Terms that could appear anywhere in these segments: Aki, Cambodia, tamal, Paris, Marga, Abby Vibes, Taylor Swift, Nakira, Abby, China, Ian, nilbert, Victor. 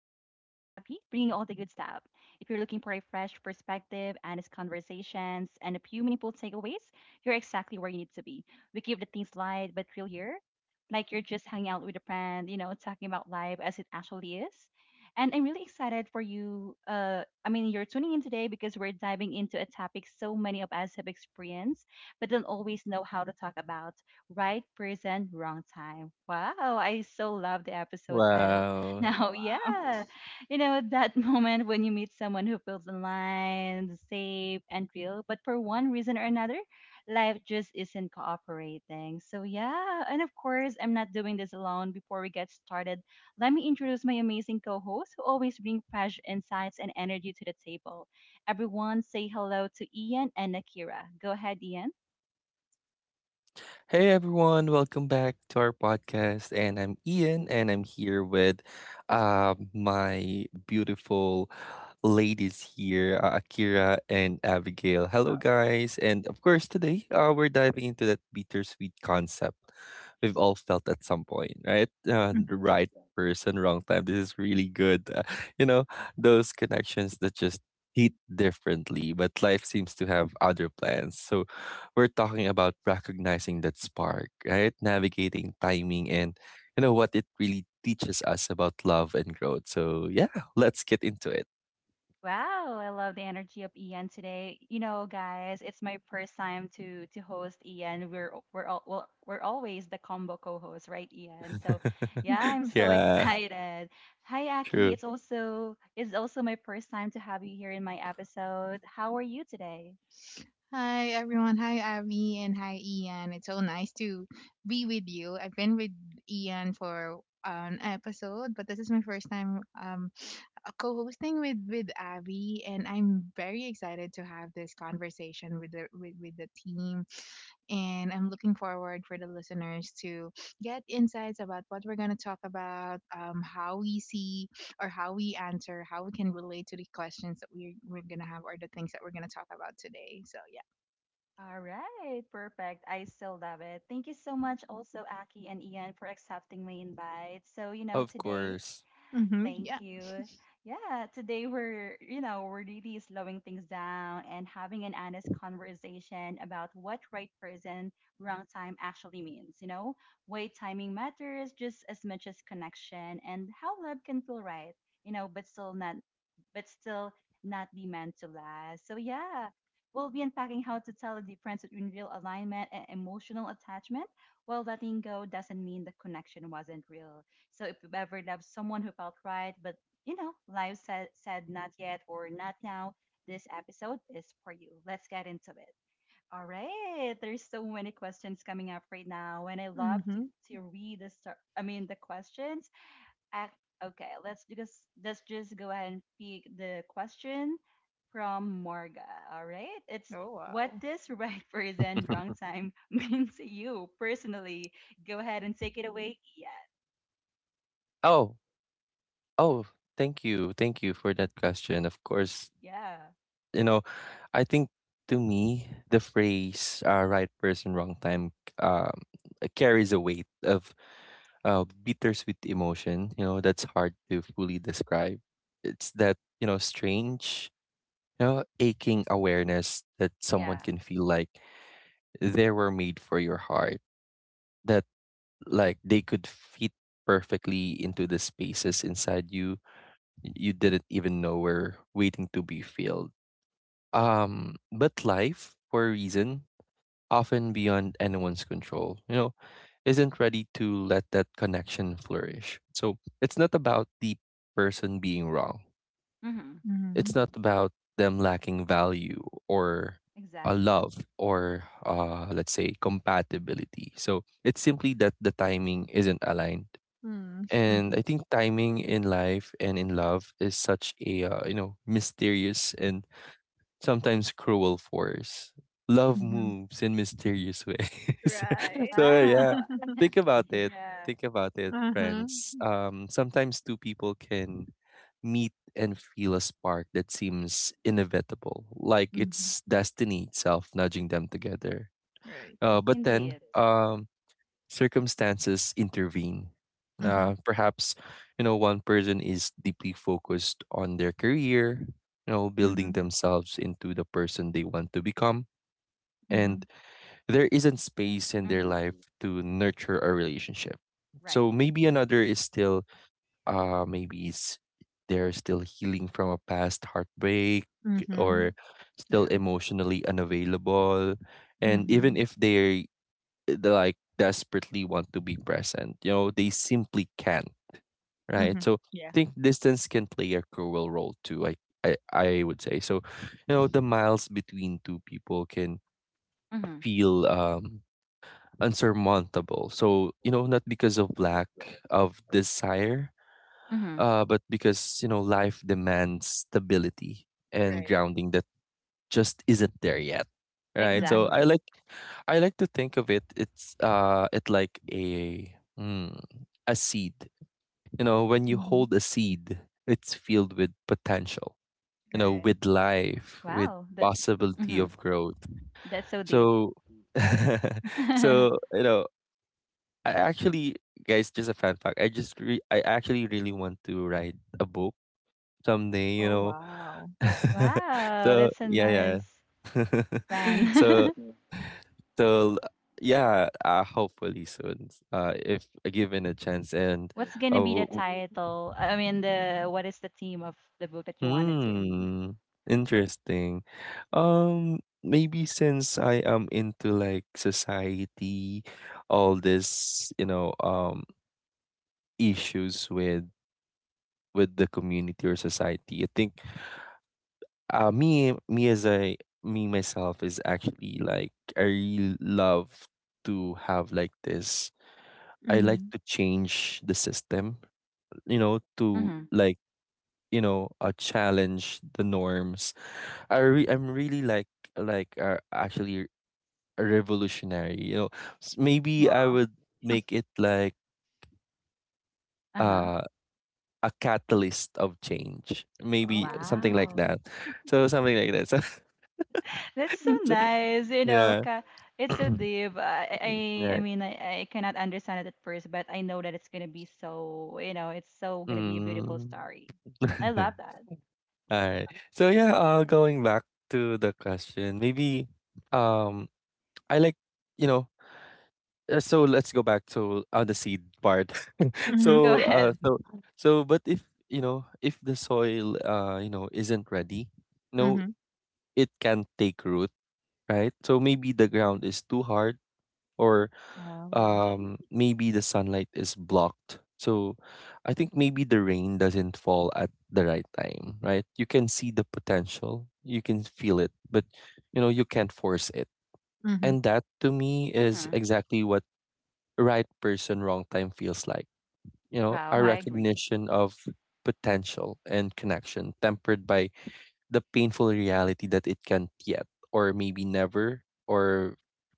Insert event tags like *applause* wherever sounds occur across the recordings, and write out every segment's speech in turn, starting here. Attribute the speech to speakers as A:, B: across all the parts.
A: If you're looking for a fresh perspective, honest conversations, and a few meaningful takeaways, you're exactly where you need to be. We keep the things light but real here, like you're just hanging out with a friend, you know, talking about life as it actually is. And I'm really excited for you. I mean, you're tuning in today because we're diving into a topic so many of us have experienced, but don't always know how to talk about right person, wrong time. Wow, I so love the episode title *laughs*
B: Wow.
A: now.
C: Oh,
A: Yeah. You know, that *laughs* moment when you meet someone who feels aligned, safe, and real, but for one reason or another, life just isn't cooperating. So, yeah. And of course, I'm not doing this alone. Before we get started, let me introduce my amazing co hosts who always bring fresh insights and energy to the table. Everyone, say hello to Ian and Nakira. Go ahead, Ian.
B: Hey everyone, welcome back to our podcast. And I'm Ian and I'm here with my beautiful ladies here, Akira and Abigail.
C: I
B: Hello
C: love it.
B: guys. And of course today, we're diving into that bittersweet concept we've all felt at some point, right?
C: Mm.
B: The right person, wrong time. This is really good. You know, those connections that just hit differently, but life seems to have other plans. So we're talking about recognizing that spark, right? Navigating timing and what it really teaches us about love and growth. So yeah, let's get into it.
A: Wow, I love the energy of Ian today. You know, guys, it's my first time to host Ian. We're al- we're all well, we're always the combo co-host, right, Ian? So, yeah,
B: *laughs*
A: I'm so *laughs*
B: Yeah,
A: excited. Hi, Aki.
B: true.
A: It's also my first time to have you here in my episode. How are you today?
C: Hi, everyone. Hi, Abby, and hi, Ian. It's so nice to be with you. I've been with Ian for an episode, but this is my first time co-hosting with Abby, and I'm very excited to have this conversation with the team, and I'm looking forward for the listeners to get insights about what we're going to talk about, how we see or how we answer, how we can relate to the questions that we're going to have or the things that we're going to talk about today. So, yeah.
A: All right, perfect. I still love it. Thank you so much, also Aki and Ian, for accepting my invite. So, you know,
B: Of
A: today.
B: course.
C: Mm-hmm.
A: Thank
C: Yeah.
A: you. Yeah, today we're really slowing things down and having an honest conversation about what right person, wrong time actually means. You know, way timing matters just as much as connection and how love can feel right, you know, but still not be meant to last. So, yeah, we'll be unpacking how to tell the difference between real alignment and emotional attachment while letting go doesn't mean the connection wasn't real. So, if you ever loved someone who felt right, but you know, life said not yet or not now, this episode is for you. Let's get into it. All right, there's so many questions coming up right now, and I love to
C: Mm-hmm.
A: read the start. I mean the questions Ac- Okay, let's just go ahead and pick the question from Marga. All right, it's
C: Oh,
A: what
C: wow.
A: does right *laughs* person wrong
B: *laughs*
A: time *laughs* mean to you personally? Go ahead and take it away. Yeah,
B: oh, oh, thank you. Thank you for that question. Of course,
A: yeah,
B: you know, I think to me the phrase, right person wrong time, um carries a weight of bittersweet emotion. That's hard to fully describe. It's that, strange, aching awareness that someone
A: yeah.
B: can feel like they were made for your heart. That, like, they could fit perfectly into the spaces inside you. You didn't even know were waiting to be filled. But life, for a reason often beyond anyone's control, isn't ready to let that connection flourish. So it's not about the person being wrong.
A: Mm-hmm.
C: Mm-hmm.
B: It's not about them lacking value or a
A: Exactly.
B: love or, let's say, compatibility. So it's simply that the timing isn't aligned. And
C: Mm-hmm.
B: I think timing in life and in love is such a, mysterious and sometimes cruel force. Love
C: Mm-hmm.
B: moves in mysterious ways. *laughs*
C: Right.
B: So yeah,
A: Wow.
C: *laughs*
B: think about it.
A: Yeah,
B: Think about it,
C: Uh-huh.
B: friends. Sometimes two people can meet and feel a spark that seems inevitable, like
C: Hmm.
B: it's destiny itself nudging them together.
C: Right.
B: But then,
A: indeed.
B: circumstances intervene.
C: Mm-hmm.
B: Perhaps, one person is deeply focused on their career, building
C: Mm-hmm.
B: themselves into the person they want to become.
C: Mm-hmm.
B: And there isn't space in their life
A: Mm-hmm.
B: to nurture a relationship.
A: Right.
B: So maybe another is still, uh, maybe it's, they're still healing from a past heartbreak
C: Mm-hmm.
B: or still
C: Yeah.
B: emotionally unavailable. And
C: Mm-hmm.
B: even if they like desperately want to be present. They simply can't, right?
C: Mm-hmm.
B: So I
C: Yeah.
B: think distance can play a cruel role too. I would say so. The miles between two people can
A: Mm-hmm.
B: feel, unsurmountable. So, not because of lack of desire,
A: Mm-hmm.
B: but because life demands stability and
C: Right.
B: grounding that just isn't there yet, right?
C: Mm-hmm.
B: So i
A: Exactly.
B: like i like to think of it like mm, a seed. When you
C: Mm-hmm.
B: hold a seed, it's filled with potential,
C: Right.
B: with life, with
A: Wow. That.
B: possibility
A: Mm-hmm.
B: of growth.
A: That's so deep.
B: So *laughs*
A: *laughs* wow.
B: so I actually, guys, just a fun fact, I actually really want to write a book someday you
C: Oh,
B: know
C: wow.
B: *laughs* So
A: That's a
B: yeah, yeah.
A: nice
B: *laughs*
A: plan.
B: So.
A: *laughs*
B: So yeah, hopefully soon, if given a chance. And
A: What's gonna be the
B: oh,
A: title? I mean, the what is the theme of the book that you wanted to?
B: hmm, interesting. Maybe since I am into, like, society, all this, issues with the community or society. I think, me me as I me myself is actually, like, I really love to have, like, this. I like
C: Mhm.
B: to change the system, to,
A: Mm-hmm.
B: like, challenge the norms. I'm really, like, actually a revolutionary. Maybe I
C: Wow.
B: would make it like,
A: Uh-huh.
B: uh a catalyst of change. Maybe
C: Oh,
B: something like
A: Wow.
C: wow.
B: that. So something like that. So.
A: That's so
B: *laughs* So
A: nice, you know.
B: yeah. *clears throat*
A: It's so deep. I, I, I
B: Right.
A: mean, I, I cannot understand it at first, but I know that it's gonna be so, you know, it's so gonna be a beautiful
B: Mm.
A: story. I
B: *laughs*
A: love that.
B: All right. So yeah, going back to the question, maybe, um I like you know so let's go back to the seed part. *laughs*
A: Go
C: Mhm.
B: So,
A: ahead.
B: but if if the soil, isn't ready, no,
C: Mhm.
B: it can take root, right? So maybe the ground is too hard, or,
C: Oh.
B: maybe the sunlight is blocked. So I think maybe the rain doesn't fall at the right time, right? You can see the potential, you can feel it, but you can't force it,
C: Mhm.
B: and that to me is
A: Mm-hmm.
B: exactly what right person, wrong time feels like.
A: Wow,
B: A
A: I
C: Uh,
A: agree.
B: recognition of potential and connection tempered by the painful reality that it can't yet, or maybe never, or,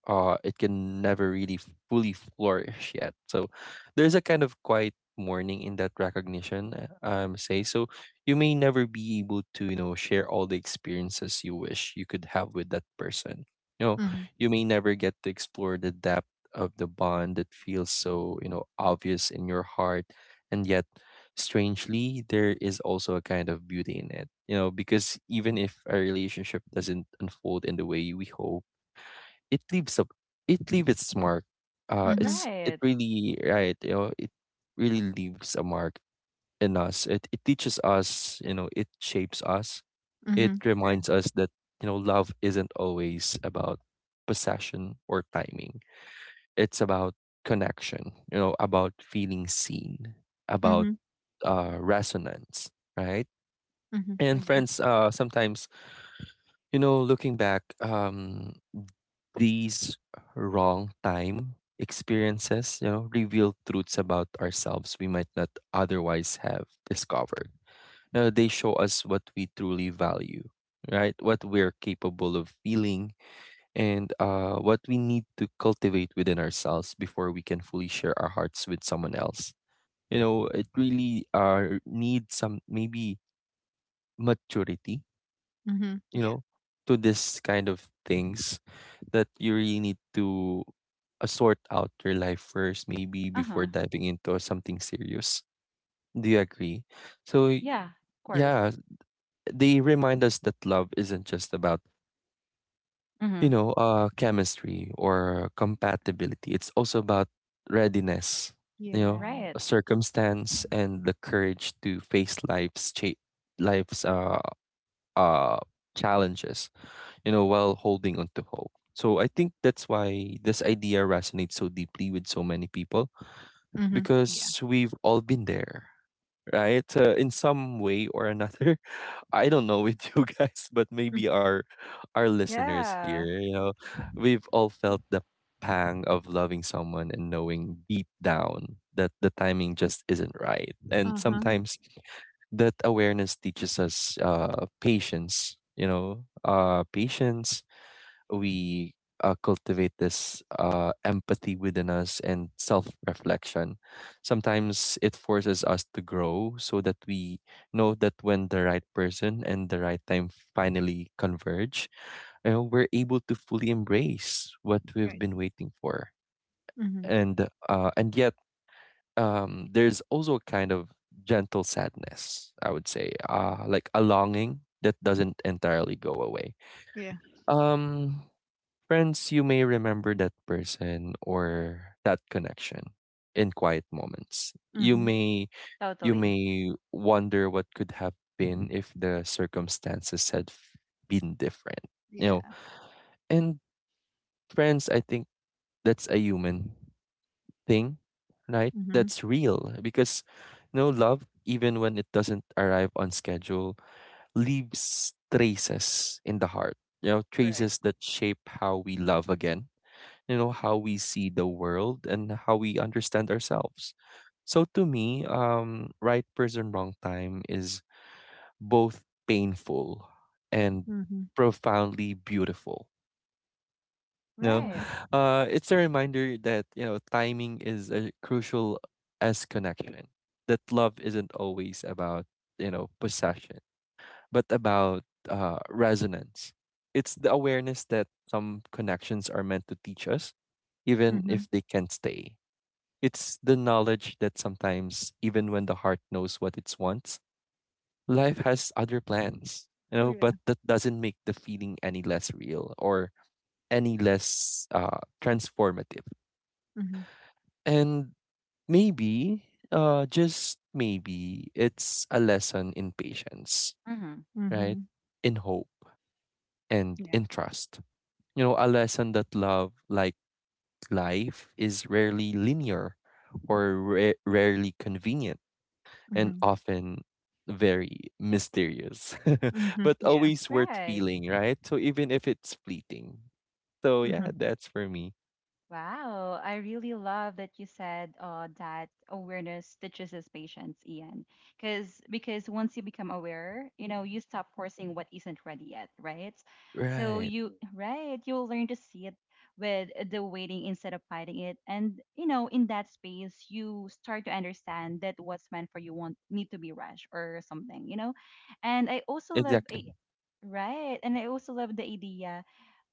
B: it can never really fully flourish yet. So there's a kind of quiet mourning in that recognition, say. So you may never be able to, share all the experiences you wish you could have with that person. You know,
C: Mhm.
B: you may never get to explore the depth of the bond that feels so, obvious in your heart. And yet strangely, there is also a kind of beauty in it, because even if a relationship doesn't unfold in the way we hope, it leaves a it leaves its mark. Uh,
C: Mhm.
B: it's it
A: Right.
B: really, right, it really leaves a mark in us. It teaches us, it shapes us. It
C: Mhm. Yeah.
B: reminds us that, love isn't always about possession or timing. It's about connection, about feeling seen, about,
C: Mhm.
B: resonance, right?
C: Mhm.
B: And
C: Agree.
B: friends, sometimes, looking back, these wrong time experiences, reveal truths about ourselves we might not otherwise have discovered. They show us what we truly value, right? What we're capable of feeling and, what we need to cultivate within ourselves before we can fully share our hearts with someone else. It really, needs some maybe maturity,
C: Mhm.
B: you
C: Yeah.
B: know, to this kind of things that you really need to, sort out your life first, maybe before
A: Uh-huh.
B: diving into something serious. Do you agree? So,
A: Yeah, of course.
B: yeah, they remind us that love isn't just about,
A: Mm-hmm.
B: chemistry or compatibility. It's also about readiness, you know,
C: Yeah.
A: Right.
B: a circumstance and the courage to face life's uh, challenges, while holding on to hope. So I think that's why this idea resonates so deeply with so many people
C: Mhm. Yeah.
B: because we've all been there, right? In some way or another. *laughs* I don't know with you guys, but
C: Mm.
B: maybe our listeners here,
A: Yeah,
B: we've all felt the pang of loving someone and knowing deep down that the timing just isn't right. And
C: Uh-huh.
B: sometimes that awareness teaches us patience, we cultivate this, empathy within us and self reflection. Sometimes it forces us to grow so that we know that when the right person and the right time finally converge, we're able to fully embrace what we've
C: Right.
B: been waiting for.
C: Mhm.
B: And yet, there's also a kind of gentle sadness, I would say, like a longing that doesn't entirely go away.
C: Yeah.
B: Um, Friends, you may remember that person or that connection in quiet moments. You
C: Mhm.
B: may you
A: totally.
B: may wonder what could have been if the circumstances had been different. You know,
C: Yeah.
B: and friends, I think that's a human thing, right?
C: Mhm.
B: That's real because no love, even when it doesn't arrive on schedule, leaves traces in the heart. You know,
C: Right.
B: traces that shape how we love again, how we see the world and how we understand ourselves. So to me, right person wrong time is both painful and
C: Mhm.
B: profoundly beautiful. No,
C: Uh
A: Right.
B: it's a reminder that, timing is as crucial as connection, that love isn't always about, possession, but about, resonance. It's the awareness that some connections are meant to teach us, even
C: Mhm.
B: if they can't stay. It's the knowledge that sometimes, even when the heart knows what it wants, life has other plans,
C: Yeah.
B: but that doesn't make the feeling any less real or any less, transformative.
C: Mhm.
B: And maybe, just maybe, it's a lesson in patience,
A: Mm-hmm.
B: right?
C: Mhm.
B: In hope and
C: Yeah.
B: in trust. A lesson that love, like life, is rarely linear or rarely convenient and
C: Mhm.
B: often very mysterious, *laughs*
C: Mhm.
B: but
C: Yeah.
B: always worth
A: Right.
B: feeling, right? So even if it's fleeting. So yeah,
C: Mhm.
B: that's for me.
A: Wow. I really love that you said that awareness teaches us patience, Ian. Because once you become aware, you know, you stop forcing what isn't ready yet, right? So
B: Right.
A: you right, you'll learn to see it with the waiting instead of fighting it. And you know, in that space, you start to understand that what's meant for you won't need to be rushed or something, you know. And I also love,
B: Exactly.
A: right, and I also love the idea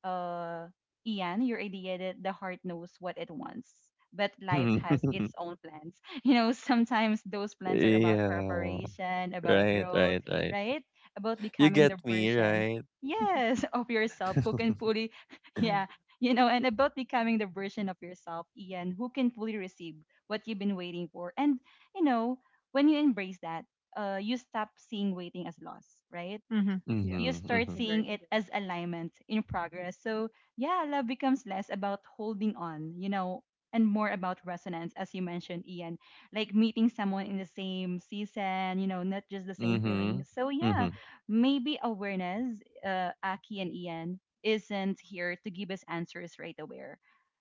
A: uh, Ian, your idea that the heart knows what it wants, but life
B: *laughs*
A: has
B: Yeah.
A: its own plans. *laughs* You know, sometimes those plans are about preparation, about
B: Right,
A: growth,
B: right, right.
A: right? About
B: You
A: becoming
B: get
A: the
B: me,
A: version,
B: right?
A: yes, *laughs* of
B: *laughs*
A: yourself who can
B: Mm-hmm,
A: fully, *laughs* yeah, you know, and about becoming the version of yourself, Ian, who can fully receive what you've been waiting for. And, you know, when you embrace that, you stop seeing waiting as loss, right?
C: Mhm. Yeah.
A: You start
B: mm-hmm,
C: Agree.
A: seeing it as alignment in progress. So, yeah, love becomes less about holding on, you know, and more about resonance, as you mentioned, Ian, like meeting someone in the same season, you know, not just the same
B: mm-hmm,
A: feeling. So, yeah,
B: mm-hmm,
A: maybe awareness, Aki and Ian, isn't here to give us answers right away.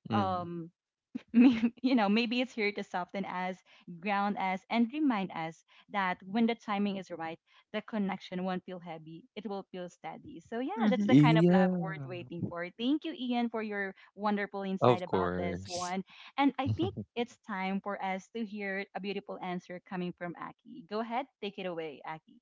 B: mm-hmm.
A: Um, *laughs* you know, maybe it's here to soften us, ground us, and remind us that when the timing is right, the connection won't feel heavy. It will feel steady. So, yeah, that's the kind of love
B: Yeah,
A: worth waiting for. Thank you, Ian, for your wonderful insight
B: of
A: about this
B: course.
A: one. And
B: *laughs*
A: I think
B: Mm-hmm,
A: it's time for us to hear a beautiful answer coming from Aki. Go ahead, take it away, Aki.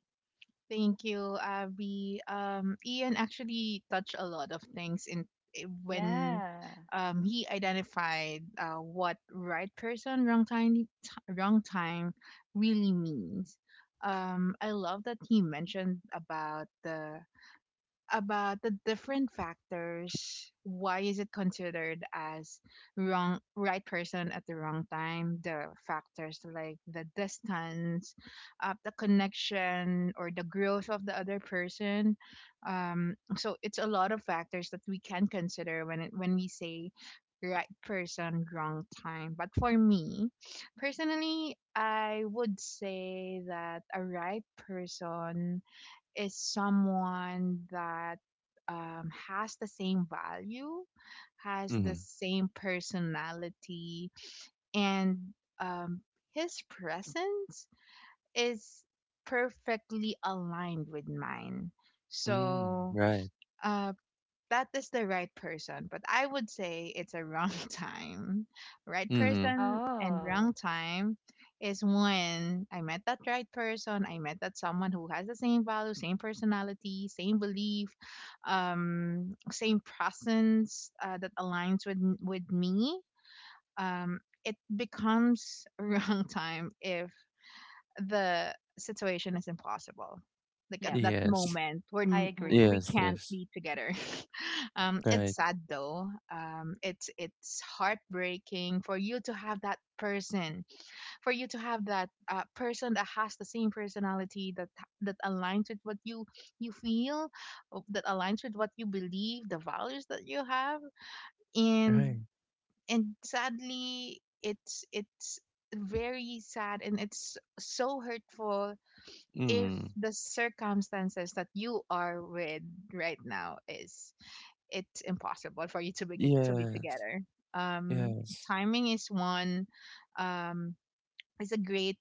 C: Thank you, Abby. Ian actually touched a lot of things in I- when
A: Yeah.
C: he identified what right person, wrong time, wrong time really means. I love that he mentioned about the different factors why is it considered as wrong, right person at the wrong time, the factors like the distance, the connection, or the growth of the other person. So it's a lot of factors that we can consider when when we say right person, wrong time, but for me personally, I would say that a right person is someone that has the same value, has the same personality, and um, his presence is perfectly aligned with mine.
B: mm,
C: So,
B: right.
C: uh, that is the right person, but I would say it's a wrong *laughs* time. Right
B: Mm-hmm.
C: person and
A: Oh,
C: wrong time is when I met that right person, I met that someone who has the same value, same personality, same belief, same presence, that aligns with me. Um, it becomes *laughs* wrong time if the situation is impossible. Like at
A: yep.
C: that
B: Yes,
C: moment,
A: I agree.
C: we
B: yes,
C: can't
B: yes.
C: be together. It's
B: Right,
C: sad though. It's heartbreaking for you to have that person, for you to have that person that has the same personality, that aligns with what you feel, that aligns with what you believe, the values that you have, and
B: right.
C: sadly, it's very sad and it's so hurtful if
B: Mm.
C: the circumstances that you are with right now is, it's impossible for you to be to be
B: Yes,
C: together. Um,
B: yes.
C: timing is one. Um, is a great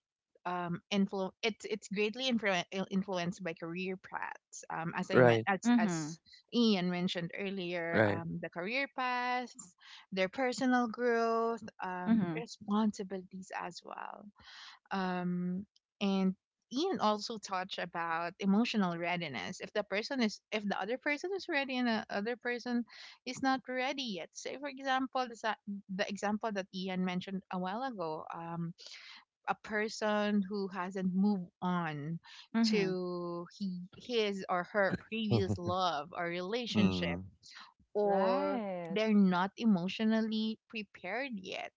C: influ. It's greatly influenced by career paths. As I meant
B: Right,
A: Mm hmm.
C: as Ian mentioned earlier,
B: right.
C: the career paths, their personal growth,
A: Mm hmm.
C: responsibilities as well, um, and Ian also touched about emotional readiness. If the person is, if the other person is ready and the other person is not ready yet. Say, for example, the example that Ian mentioned a while ago, a person who hasn't moved on
A: Mm hmm.
C: to his or her previous
B: *laughs*
C: love or relationship,
B: Mm,
C: or
A: Right.
C: they're not emotionally prepared yet.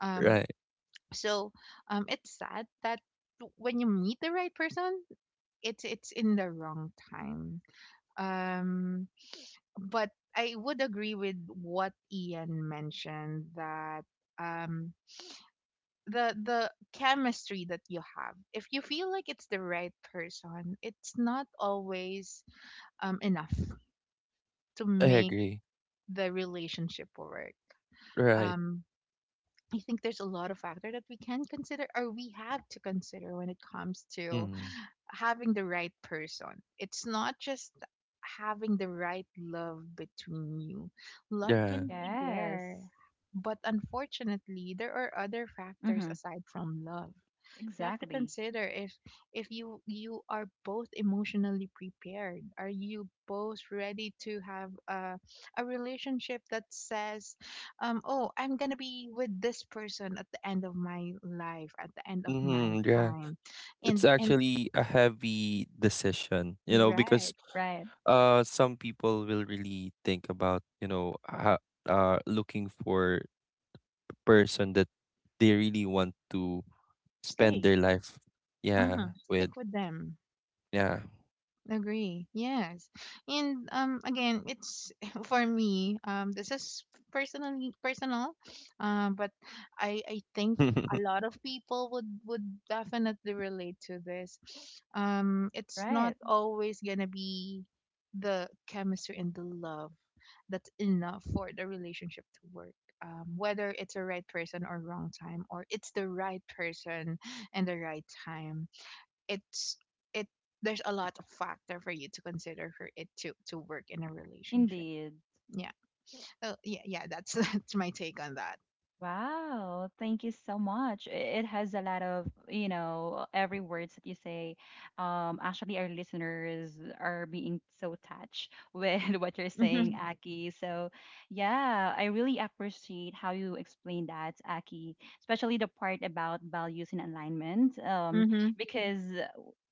C: Um,
B: right.
C: so it's sad that when you meet the right person, it's in the wrong time. Um, but I would agree with what Ian mentioned that um, the chemistry that you have, if you feel like it's the right person, it's not always enough to
B: I
C: make
B: agree.
C: the relationship work.
B: Right.
C: Um, I think there's a lot of factor that we can consider or we have to consider when it comes to
B: Mm,
C: having the right person. It's not just having the right love between you. Love
B: yeah.
C: can be there,
A: Yes.
C: but unfortunately, there are other factors
A: Mm-hmm.
C: aside from love you have to
A: Exactly.
C: consider if you are both emotionally prepared. Are you both ready to have a relationship that says, oh, I'm gonna be with this person at the end of my life, at the end of my
B: Hmm, yeah.
C: time
B: It's
C: and
B: actually a heavy decision, because
C: right
A: Right.
B: some people will really think about, you know, ha looking for a person that they really want to spend
C: stay,
B: their life
C: uh-huh
B: yeah with.
C: stick with them.
B: Yeah.
C: Agree. Yes. And again, it's *laughs* for me, this is personally personal. But I think a
B: *laughs*
C: lot of people would definitely relate to this. It's not
A: Right.
C: always going to be the chemistry and the love that's enough for the relationship to work. Whether it's a right person or wrong time, or it's the right person and the right time, it's it there's a lot of factor for you to consider for it to work in a relationship,
A: Indeed.
C: yeah. Oh yeah, yeah, that's *laughs* that's my take on that.
A: Wow, thank you so much. It has a lot of, you know, every words that you say. Actually, our listeners are being so touched with *laughs* what you're saying,
C: Mhm.
A: Aki. So, yeah, I really appreciate how you explained that, Aki, especially the part about values and alignment.
C: Mhm.
A: Because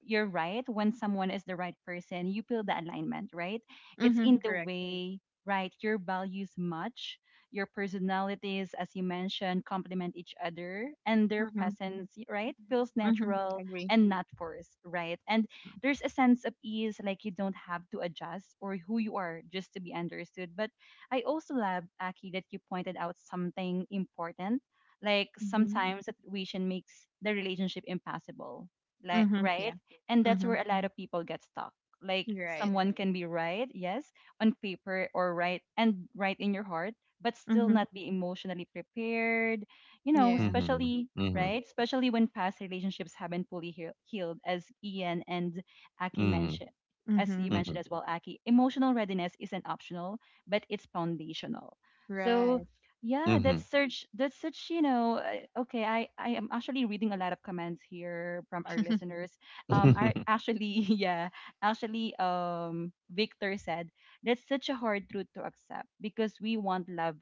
A: you're right, when someone is the right person, you feel the alignment, right? It's
C: Mhm.
A: in the
C: Correct.
A: way, right? Your values match your personalities, as you mentioned, complement each other, and their
C: Mhm.
A: presence, right, feels
C: Mhm.
A: natural
C: Agree.
A: and not forced, right? And there's a sense of ease, like you don't have to adjust or who you are just to be understood. But I also love, Aki, that you pointed out something important. Like
C: Mhm.
A: sometimes that situation makes the relationship impossible, like
C: Mhm. Yeah.
A: right? And that's
C: Mhm.
A: where a lot of people get stuck. Like
C: Right.
A: someone can be right, yes, on paper or right and right in your heart, but still
C: Mhm.
A: not be emotionally prepared, you know,
C: Yeah.
B: Mm-hmm.
A: especially,
B: Mm-hmm.
A: right? Especially when past relationships haven't fully healed, as Ian and Aki
B: Mm-hmm.
A: mentioned. As you
C: Mhm.
B: Mm-hmm.
A: mentioned as well, Aki, emotional readiness isn't optional, but it's foundational. So,
C: Right.
A: yeah, that's such you know okay. I am actually reading a lot of comments here from our
C: *laughs*
A: listeners. Are actually *laughs* yeah, actually Victor said that's such a hard truth to accept because we want love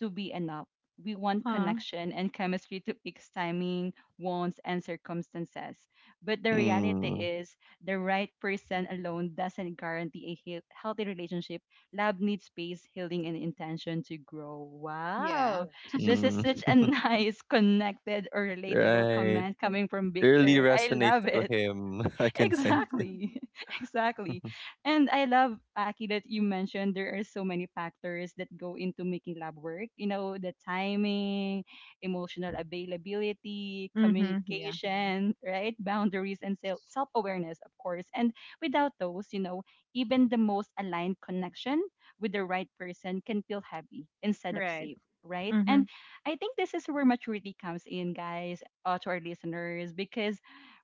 A: to be enough. We want
C: Uh,
A: connection and chemistry to fix timing, wants, and circumstances. But the reality
B: Mm-hmm. *laughs*
A: is, the right person alone doesn't guarantee a healthy relationship. Love needs space, healing, and intention to grow.
C: yeah.
A: Wow. Yeah. This is such
B: Mm,
A: a *laughs* nice, connected, or relatable
B: right.
A: comment coming from
B: Really
A: Victor. I
B: resonates
A: love
B: to
A: it
B: him. *laughs* I can sense
C: *laughs*
B: it.
A: exactly. *laughs* Exactly.
B: *laughs*
A: And I love, Aki, that you mentioned there are so many factors that go into making lab work. You know, the timing, emotional availability,
C: Mhm. Yeah.
A: communication, right? Boundaries and self awareness, of course. And without those, you know, even the most aligned connection with the right person can feel heavy instead of
C: Right.
A: safe. Right.
C: Mhm.
A: And I think this is where maturity comes in, guys, to our listeners, because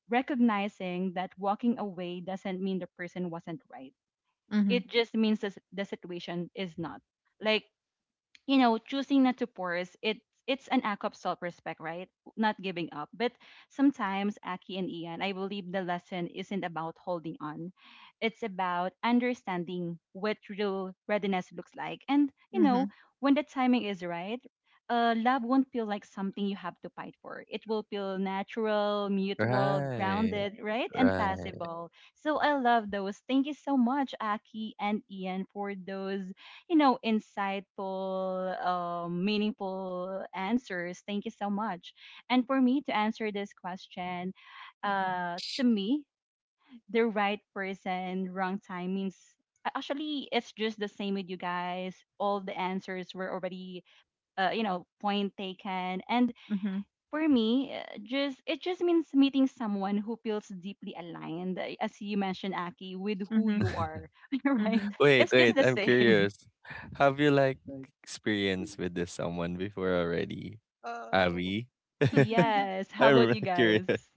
A: recognizing that walking away doesn't mean the person wasn't right.
C: Mhm.
A: It just means the situation is not. Like you know, choosing not to pause, it's an act of self-respect, right? Not giving up. But sometimes, Aki and Ian, I believe the lesson isn't about holding on. It's about understanding what real readiness looks like. And, you know,
C: Mhm.
A: when the timing is right, love won't feel like something you have to fight for. It will feel natural, mutual,
B: Right.
A: grounded, right? And
B: Right.
A: possible. So I love those. Thank you so much, Aki and Ian, for those you know, insightful, meaningful answers. Thank you so much. And for me to answer this question, to me, the right person, wrong time means actually it's just the same with you guys. All the answers were already, you know, point taken. And
C: Mhm.
A: for me, just it just means meeting someone who feels deeply aligned, as you mentioned, Aki, with who
C: Mhm.
A: you are,
B: *laughs*
A: *laughs* right?
C: Mhm.
B: Wait,
A: It's just
B: wait,
A: the
B: I'm
A: same.
B: curious. Have you, like, experienced with this someone before already,
C: Oh.
B: Abby? *laughs* I'm
C: *laughs*
A: Yes. How about
B: really
A: you
B: curious. *laughs*
A: guys?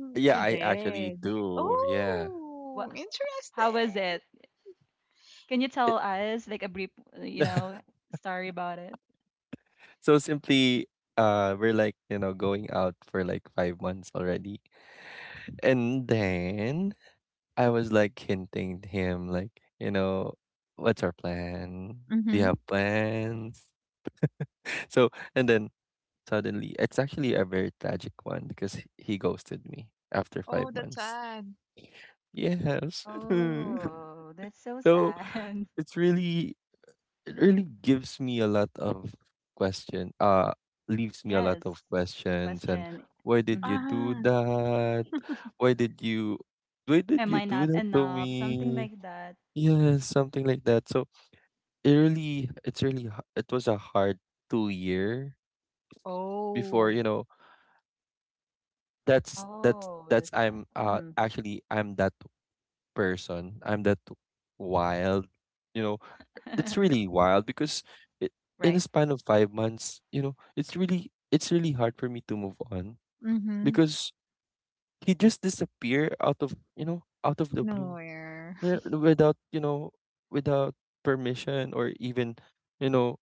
C: Mm,
B: Yeah,
C: I
B: I actually
C: did.
B: do. Yeah.
A: What?
C: Oh,
A: How was
C: interesting.
A: it? Can you
B: It,
A: tell us like a brief, you know, story about it?
B: so simply, we're like, you know, going out for like 5 months already. And then I was like hinting to him like, you know, "What's our plan? Do you
C: Mhm.
B: have plans?" *laughs* So, and then suddenly it's actually a very tragic one because he ghosted me after
C: Oh,
B: 5
C: that's
B: months.
C: sad.
B: Yes. *laughs*
A: Oh, that's so
B: So,
A: sad. *laughs*
B: it's really it really gives me a lot of question leaves me a lot
A: Yes.
B: of questions, and
A: Question.
B: "Why did
A: Mm-hmm.
B: you do
C: Ah.
B: that? Why did you why did
A: Am
B: you
A: I
B: do
A: not
B: that to
A: enough? Something
B: me?"
A: like that.
B: Yeah, something like that. So it's really, it was a hard 2 year before,
C: Oh.
B: you know,
A: Oh, that's
B: I'm,
A: sad.
B: actually, I'm that person. I'm that wild, you know,
A: Mm-hmm.
B: it's really wild because it,
A: *laughs*
B: in a
A: right.
B: span of 5 months, you know, it's really hard for me to move on
C: Mhm.
B: because he just disappear out of, you know, out of the blue,
C: Nowhere.
B: yeah,
C: *laughs*
B: without, you know, without permission or even, you know,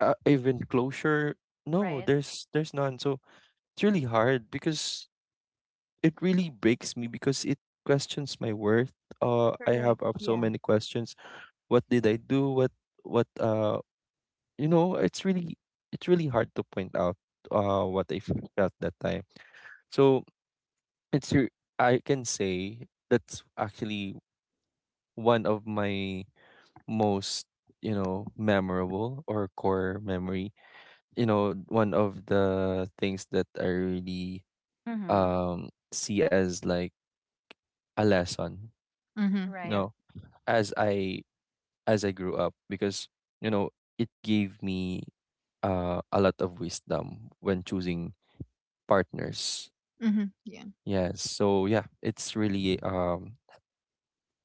B: even closure. No,
A: Right.
B: there's none. So it's really hard because it really breaks me because it questions my worth. I have
C: Correct.
B: up so
C: Yeah.
B: many questions. What did I do? What? You know, it's really hard to point out what I felt that time. So I can say that's actually one of my most, you know, memorable or core memory. You know, one of the things that I really
A: Mm-hmm.
B: see as like a lesson,
C: Mhm.
B: you
C: Yeah.
A: Right.
B: know, as I grew up, because you know it gave me a lot of wisdom when choosing partners.
C: Mhm. Yeah.
B: Yes, so yeah, it's really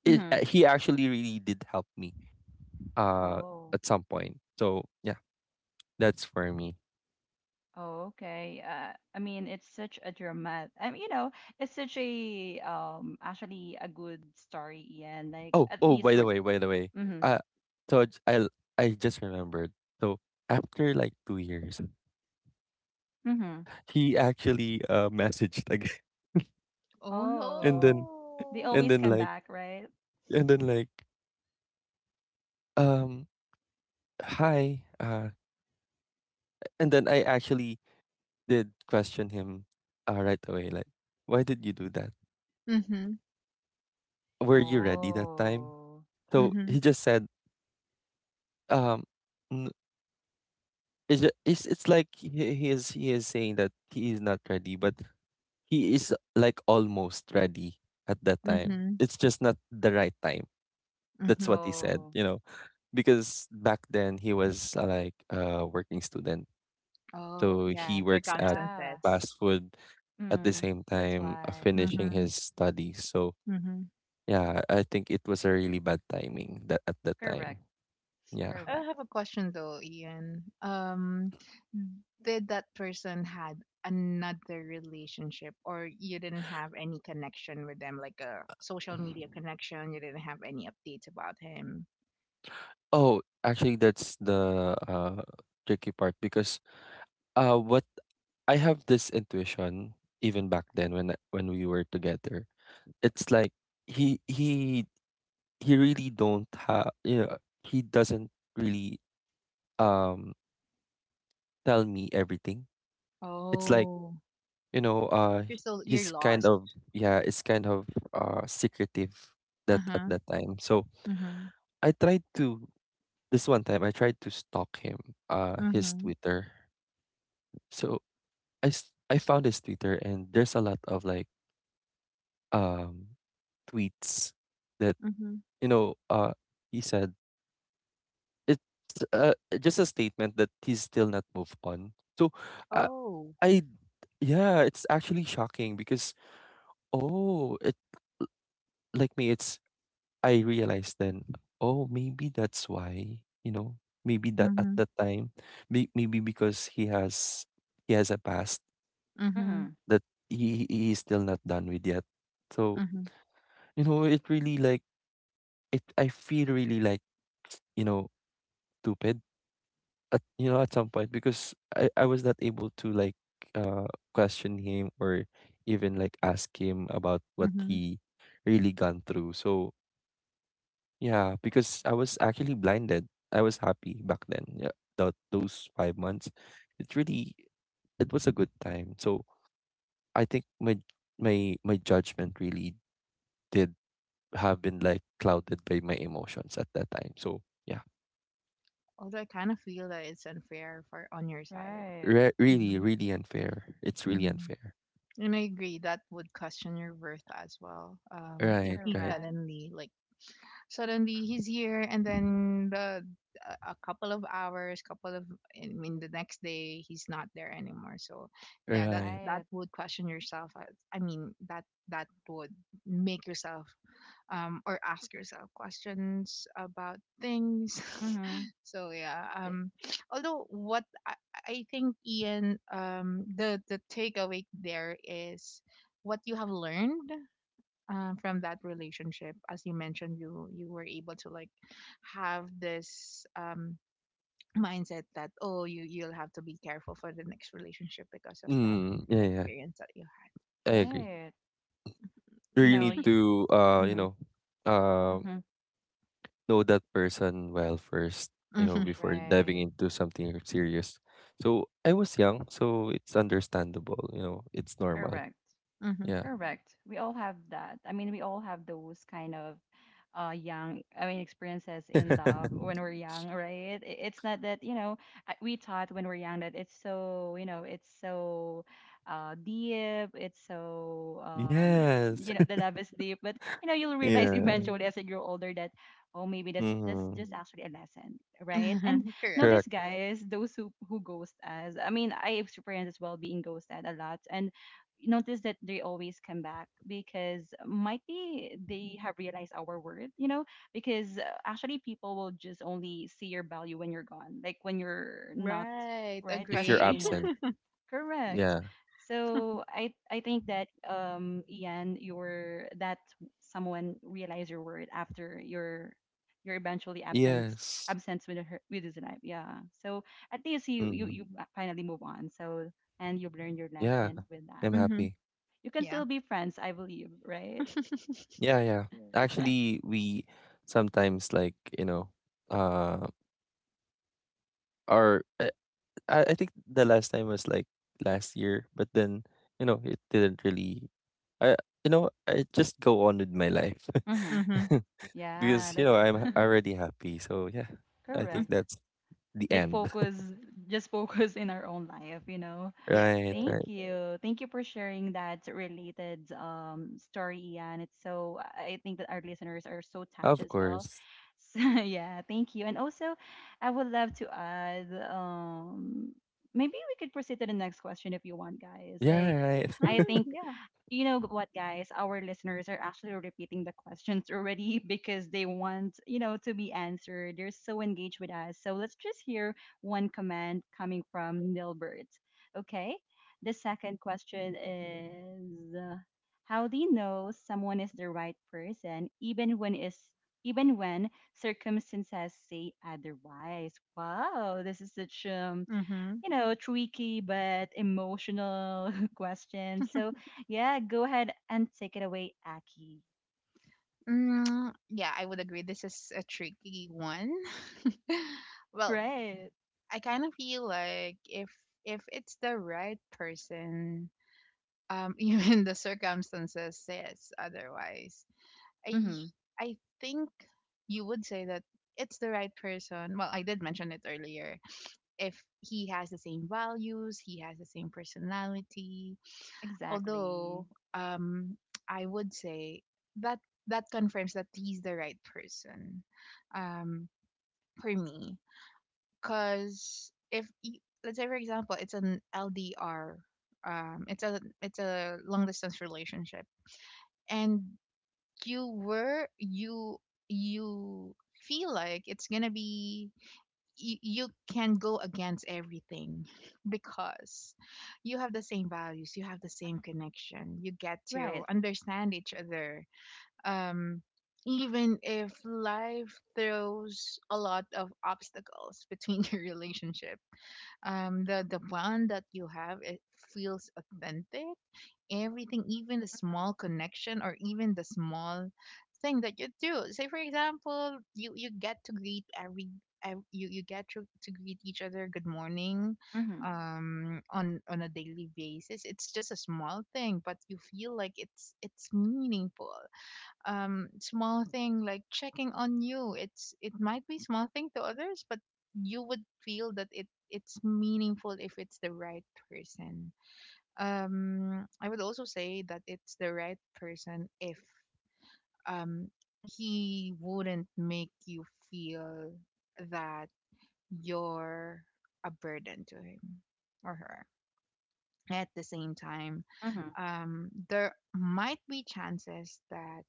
B: it
A: Mm-hmm.
B: he actually really did help me uh
A: Oh.
B: at some point. So yeah, that's for me.
A: Oh, okay. I mean, it's such a dramatic, I mean, you know, it's such a actually a good story, Ian. Like
B: Oh,
A: at
B: oh,
A: least
B: by the
A: we're
B: way,
A: mm-hmm.
B: uh, so j- I l- I just remembered. So after like 2 years,
A: Mm-hmm.
B: he actually messaged again, *laughs*
C: Oh
B: and
A: Oh,
B: then
A: they
C: no.
B: and
A: always
B: then
A: come
B: like
A: back, right?
B: and then like um hi and then I actually did question him right away, like, "Why did you do that?
C: Mhm.
B: Were you ready that time?"
A: Oh,
B: So
C: Mhm.
B: he just said, um. N- it's, it's he is saying that he is not ready, but he is like almost ready at that time.
C: Mhm.
B: It's just not the right time. That's
C: Mhm.
B: what he said,
A: oh,
B: you know, because back then he was like a working student.
C: Oh,
B: So he
C: yeah.
B: works at
A: yeah.
C: Circumstances.
B: fast food at the
A: Mm,
B: same
A: that's
B: time,
A: why.
B: finishing
C: Mhm.
B: his studies. So
C: Mhm.
B: yeah, I think it was a really bad timing that at that
A: Correct.
B: time. Yeah.
C: I
A: Correct.
C: have a question though, Ian. Did that person had another relationship, or you didn't have any connection with them, like a social media connection? You didn't have any updates about him.
B: Oh, actually, that's the tricky part because what I have this intuition even back then when we were together. It's like he he he really don't have, you know, he doesn't really um tell me everything. It's like,
C: Oh,
B: you know,
C: you're still, you're
B: he's kind
C: lost.
B: of, yeah, it's kind of secretive that
C: Uh
B: at
C: huh.
B: that time. So
C: Uh huh.
B: I tried to, this one time I tried to stalk him,
C: Uh
B: his
C: huh.
B: Twitter. So I found his Twitter and there's a lot of like um tweets that,
C: Uh huh.
B: you know, he said it's just a statement that he's still not moved on. So I
C: Oh.
B: I yeah, it's actually shocking because oh it like me, it's I realized then, oh, maybe that's why, you know, maybe
C: Uh
B: that at
C: huh.
B: that time maybe because he has a past
C: Uh huh.
A: Mm-hmm.
B: that he is still not done with yet. So
C: Uh huh.
B: you know it really like it I feel really like, you know, stupid at, you know, at some point because I was not able to like uh question him or even like ask him about
C: Uh
B: what
C: huh.
B: he really gone through. So yeah, because I was actually blinded. I was happy back then. Yeah, that those 5 months, it really it was a good time. So I think my judgment really did have been like clouded by my emotions at that time. So yeah,
C: Although I kind of feel that it's unfair for on your side.
A: Right.
C: Uh huh.
B: really really unfair. It's
C: Uh
B: really
C: huh.
B: unfair.
C: And I agree that would question your worth as well. If
B: Right,
C: he
B: right.
A: Correct.
C: suddenly like suddenly he's here, and then the a couple of hours, couple of, I mean the next day he's not there anymore. So yeah, that
B: Right.
C: that
A: Right.
C: would question yourself. I mean that that would make yourself or ask yourself questions about things.
A: Mm-hmm.
C: *laughs* So yeah,
A: eh,
C: although what I think, Ian, the takeaway there is what you have learned. From that relationship, as you mentioned, you were able to like have this mindset that, oh, you, you'll have to be careful for the next relationship because of that
B: Mm, yeah, yeah.
C: experience that you had.
B: I agree.
A: Right.
B: You
A: You
B: really
A: know,
B: need to, you
A: mm-hmm.
B: uh,
A: Mm-hmm.
B: know that person well first,
C: Yeah.
B: you know,
C: Mm-hmm.
B: before diving
A: Right.
B: into something serious. So I was young, so it's understandable, you know, it's normal.
A: Correct.
B: Yeah.
A: Correct. We all have that. I mean, we all have those kind of young I mean experiences in love
B: *laughs*
A: when we're young, right? It's not that we thought when we're young that it's so deep, it's so
B: Yes.
A: the
B: *laughs*
A: love is deep, but you'll realize *laughs*
B: Yeah.
A: eventually Mm-hmm. as you grow older that oh maybe that's
B: Mm-hmm.
A: just actually a lesson, right? And
C: Mm-hmm. *laughs* Correct.
A: notice
B: Correct.
A: guys, those who ghost us. I mean, I experienced as well being ghosted a lot and notice that they always come back because might be they have realized our worth, because actually people will just only see your value when you're gone, like when you're not
B: If you're
C: Right.
B: absent.
A: right present Yeah.
C: Agree.
A: anymore.
B: Yeah.
A: Correct. So I think that Ian, your that someone realize your worth after your eventually absence
B: Yes.
A: absence with her with his life. Yeah. So at least you
B: Mm-hmm.
A: you you uh, finally move on. So and you've learned your
B: Yeah.
A: lesson with
B: I'm
A: that.
C: Mhm.
B: happy.
A: You can
C: Yeah.
A: still be friends, I believe, right?
C: *laughs*
B: Yeah, yeah.
A: *laughs*
B: Actually, we sometimes like, you know, uh Or I think the last time was like last year, but then you know it didn't really. I You know, I just go on with my life
A: Mm-hmm.
C: Mhm.
B: *laughs*
A: Yeah,
B: because you
A: like
B: know I'm already happy. So yeah, I think
C: Mhm.
A: correct.
B: that's the
A: Like
B: end.
A: focus, just focus in our own life.
B: *laughs*
C: Yeah.
B: right, right.
A: Thank you for sharing that related story, Ian. It's so I think that our listeners are so touched
B: Of
A: as well.
B: course.
A: So *laughs* yeah, thank you. And also, I would love to add maybe we could proceed to the next question if you want, guys.
B: Yeah,
A: Like
B: right.
A: I
C: Mhm.
A: think
C: Yeah.
A: you know what guys, our listeners are actually repeating the questions already *laughs* because they want to be answered. They're so engaged with us, so let's just hear one comment coming from Nilbert. Okay, the second question is how do you know someone is the right person even when is even when circumstances say otherwise. Wow, this is such
C: Mhm.
A: tricky but emotional *laughs* questions. So, yeah, go ahead and take it away, Aki.
C: Mm, yeah, I would agree. This is a tricky one. *laughs* Well,
A: Right.
C: I kind of feel like if it's the right person, um, *laughs* even the circumstances says otherwise. I
A: Mm-hmm.
C: I think you would say that it's the right person. Well, I did mention it earlier. If he has the same values, he has the same personality,
A: Exactly.
C: although um I would say that that confirms that he's the right person, um for me. Because if let's say for example, it's an LDR, it's a, it's a long distance relationship, and you, you feel like it's gonna be, you can go against everything because you have the same values, you have the
A: Mm-hmm.
C: same connection, you get to
A: Right.
C: understand each other. um Even if life throws a lot of obstacles between *laughs* your relationship, the bond that you have, it feels authentic. Everything, even the small connection or even the small thing that you do. Say, for example, you get to greet you, you get to greet each other good morning
A: Mm-hmm. Mm-hmm.
C: on a daily basis, it's just a small thing, but you feel like it's meaningful. Small thing like checking on you, it's, it might be small thing to others, but you would feel that it's meaningful if it's the right person. I would also say that it's the right person if um he wouldn't make you feel that you're a burden to him or her. At the same time,
A: Mm-hmm.
C: there might be chances that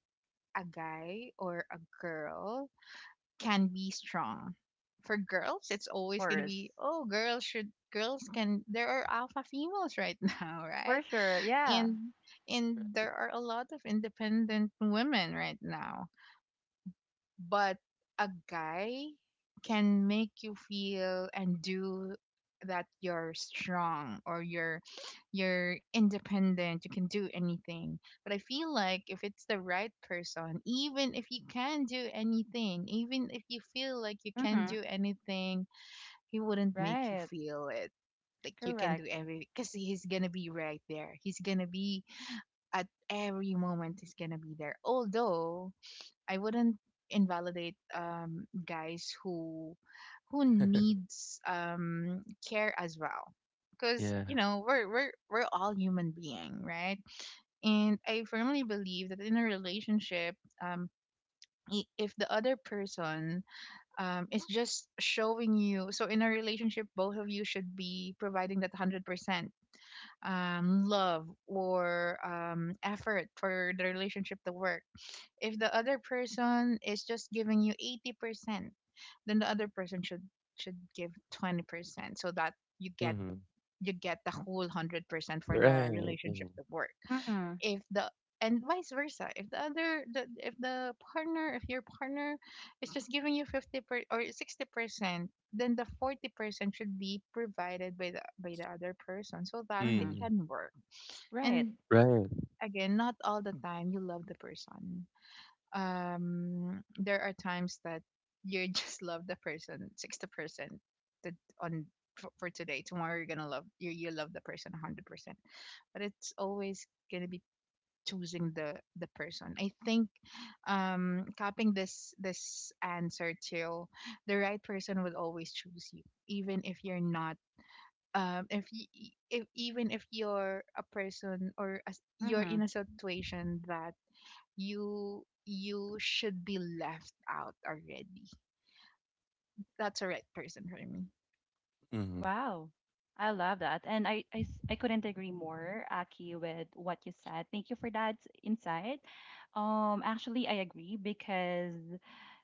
C: a guy or a girl can be strong. For girls, it's
A: Of
C: always going to
A: course.
C: be, oh, girls can, there are alpha females right *laughs* now, right?
A: For sure. Yeah.
C: And there are a lot of independent women right now, but a guy can make you feel and do that you're strong, or you're independent, you can do anything, but I feel like if it's the right person, even if you can do anything, even if you feel like you
A: Mm-hmm.
C: can
A: Mm-hmm.
C: do anything, he wouldn't make you
A: Right.
C: feel it, like you can
A: Correct.
C: do everything, because he's gonna be right there, he's gonna be at every moment, is gonna be there. Although I wouldn't invalidate guys who
B: *laughs*
C: needs care as well, because
B: yeah.
C: you know we're we're all human being, right? And I firmly believe that in a relationship, um, if the other person is just showing you, so in a relationship, both of you should be providing that 100% love or effort for the relationship to work. If the other person is just giving you 80%, then the other person should give 20% so that you get
B: Mm-hmm.
C: you get the whole 100% for the
B: Right. Mm-hmm.
C: relationship to work.
A: Mm-hmm.
C: If the And vice versa, if the partner, if your partner is just giving you 50 per, or 60%, then the 40% should be provided by the other person so that it
A: Mm-hmm.
B: Mm-hmm.
C: can work.
A: Right.
C: And
B: Right.
C: again, not all the time you love the person. There are times that you just *laughs* love the person 60% that on for today. Tomorrow you're gonna love you you love the person 100%, but it's always gonna be choosing the person. I think copying this answer to the right person will always choose you, even if you're not, if you, if even if you're a person or as you're
A: Mm-hmm.
C: in a situation that you should be left out already. That's a right person for me.
B: Mm-hmm.
A: Wow. I love that. And I couldn't agree more, Aki, with what you said. Thank you for that insight. Actually, I agree because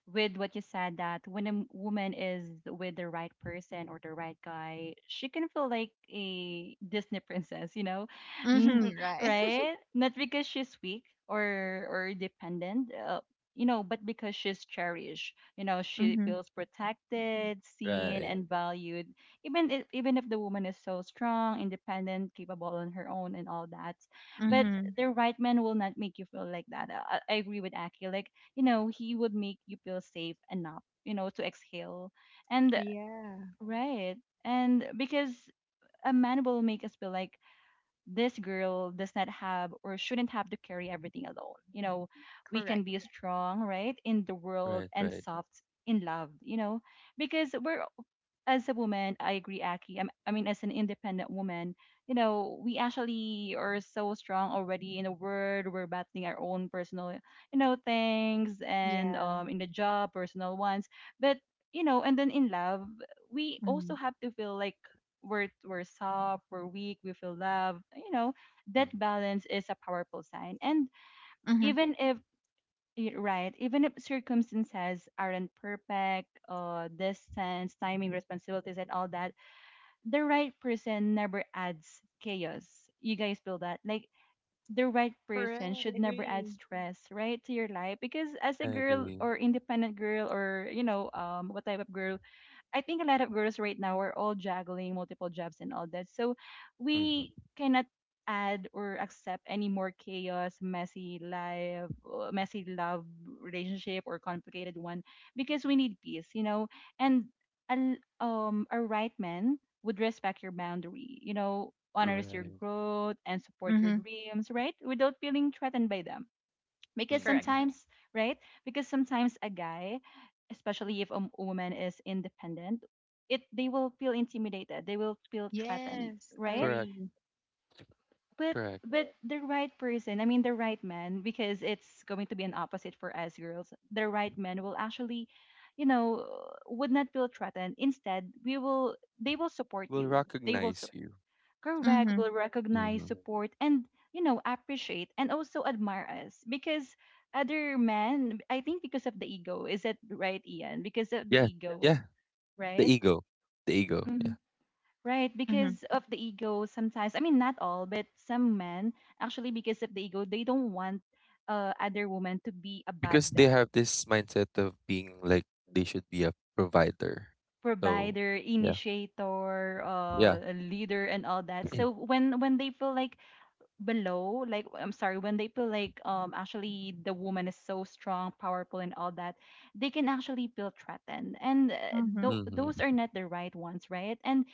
A: with what you said that when a woman is with the right person or the right guy, she can feel like a Disney princess, *laughs*
C: Mm-hmm.
A: Mhm.
C: Right.
A: right? Not because she's weak or dependent, but because she's cherished. You know,
C: *laughs*
A: she
C: Mm-hmm.
A: feels protected, seen,
B: Right.
A: and valued even if the woman is so strong, independent, capable on her own, and all that, but
B: Mm-hmm.
C: Mm-hmm.
A: the right man will not make you feel like that. I agree with Aki. Like he would make you feel safe enough, to exhale. And
C: Yeah.
A: right, and because a man will make us feel like this girl does not have or shouldn't have to carry everything alone. You know, we can
C: Correct.
A: be strong, right, in the world
B: Right.
A: and
B: Right.
A: soft in love. You know, because we're as a woman, I agree, Aki. I mean, as an independent woman, we actually are so strong already in the world. We're battling our own personal, things and
C: Yeah.
A: in the job, personal ones. But and then in love, we
C: Mm-hmm.
A: also have to feel like we're soft, we're weak, we feel love. You know, that
B: Mm-hmm.
A: balance is a powerful sign. And
C: Mm-hmm.
A: even if Right. Even if circumstances aren't perfect, distance, timing, responsibilities, and all that, the right person never adds chaos. You guys feel that? Like, the right person
C: Correct.
A: should never add
C: Agree.
A: stress, right, to your life. Because as a
B: I
A: girl
B: agree.
A: or independent girl or, what type of girl, I think a lot of girls right now are all juggling multiple jobs and all that. So we
B: Mm-hmm.
A: cannot add or accept any more chaos, messy life, messy love relationship or complicated one because we need peace, you know. And a right man would respect your boundary, you know, honors your
B: Right.
A: growth and support your
C: Mm-hmm.
A: dreams, right? Without feeling threatened by them because
C: Correct.
B: Mm-hmm.
A: sometimes right because sometimes a guy, especially if a woman is independent, it they will feel intimidated, they will feel threatened,
C: Yes,
A: right?
B: Correct.
C: agree.
A: but
B: Correct.
A: but the right person, I mean the right man, because it's going to be an opposite for us girls, the right man will actually, you know, would not feel threatened, instead we will they will support
B: Will
A: you, they will
B: recognize you.
A: correct,
C: Mm-hmm.
A: will recognize,
B: Hmm.
A: support, and you know appreciate and also admire us. Because other men, I think because of the ego, is that right, Ian? Because of the
B: Yeah,
A: ego,
B: yeah, the
A: right.
B: ego, Yeah,
A: Mhm. Right,
C: Mm-hmm.
A: because of the ego sometimes, I mean not all but some men actually because of the ego, they don't want other women to be above
B: because they
A: them,
B: have this mindset of being like they should be a provider. So,
A: provider,
B: yeah,
A: initiator,
B: yeah.
A: a leader and all that.
B: *clears throat*
A: So when they feel like below like I'm sorry, when they feel like actually the woman is so strong, powerful and all that, they can actually feel threatened. And
C: Mm-hmm.
A: th-
B: mm-hmm.
A: those are not the right ones, right? And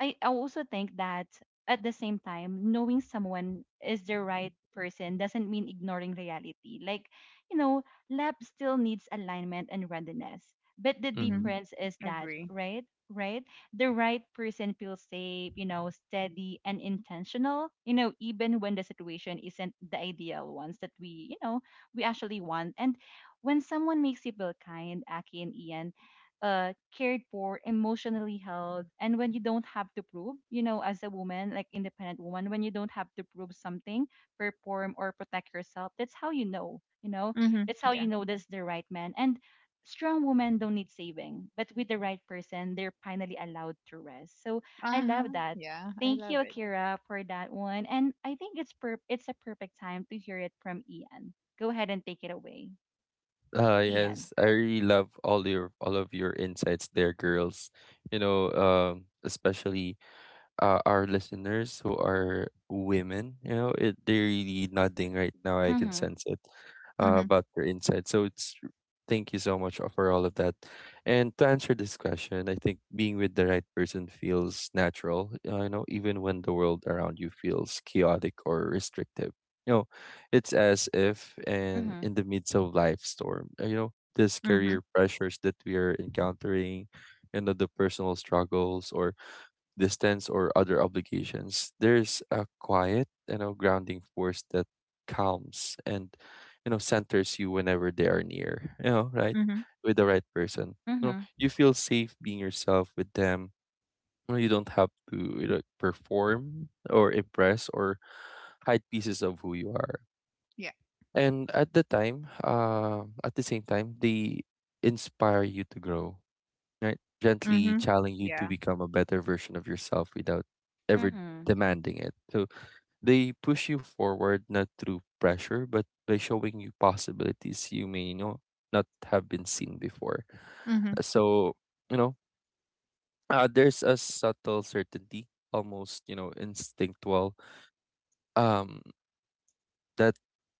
A: I also think that at the same time, knowing someone is the right person doesn't mean ignoring reality. Like, you know, lab still needs alignment and readiness. But the
B: Mm-hmm.
C: Mm-hmm.
A: difference is that,
C: Agree.
A: right? Right? The right person feels safe, you know, steady and intentional, you know, even when the situation isn't the ideal ones that we, you know, we actually want. And when someone makes you feel kind, Aki and Ian, cared for, emotionally held, and when you don't have to prove, you know, as a woman, like independent woman, when you don't have to prove something, perform, or protect yourself, that's how you know, you know,
C: Mm-hmm.
A: that's how
C: Yeah.
A: you know, that's the right man. And strong women don't need saving, but with the right person they're finally allowed to rest. So I love
C: Uh-huh.
A: that.
C: Yeah, I
A: Thank you,
C: love it.
A: Akira, for that one. And I think it's it's a perfect time to hear it from Ian. Go ahead and take it away, Ian.
B: Yes, I really love all of your insights there, girls. You know, especially our listeners who are women, you know, they're really nodding right now. I can
A: Mhm.
B: sense it
C: Mm-hmm.
B: about their insight. So it's thank you so much for all of that. And to answer this question, I think being with the right person feels natural. You know, even when the world around you feels chaotic or restrictive. You know, it's as if and
A: Mhm.
B: in the midst of life storm. You know, this
C: Mm-hmm.
B: career pressures that we are encountering, you know, the personal struggles or distance or other obligations, there's a quiet, you know, grounding force that calms and, you know, centers you whenever they are near, you know, right?
C: Mm-hmm.
B: With the right person. You know,
A: Mhm.
B: you feel safe being yourself with them. You know, you don't have to, you know, perform or impress or hide pieces of who you are.
C: Yeah.
B: And at the same time, they inspire you to grow, right? Gently
C: Mhm.
B: challenging you to
C: Yeah.
B: become a better version of yourself without ever
A: Mhm.
B: demanding it. So they push you forward not through pressure, but by showing you possibilities you may know not have been seen before.
C: Mhm.
B: So, you know, there's a subtle certainty, almost, you know, instinctual. Um, that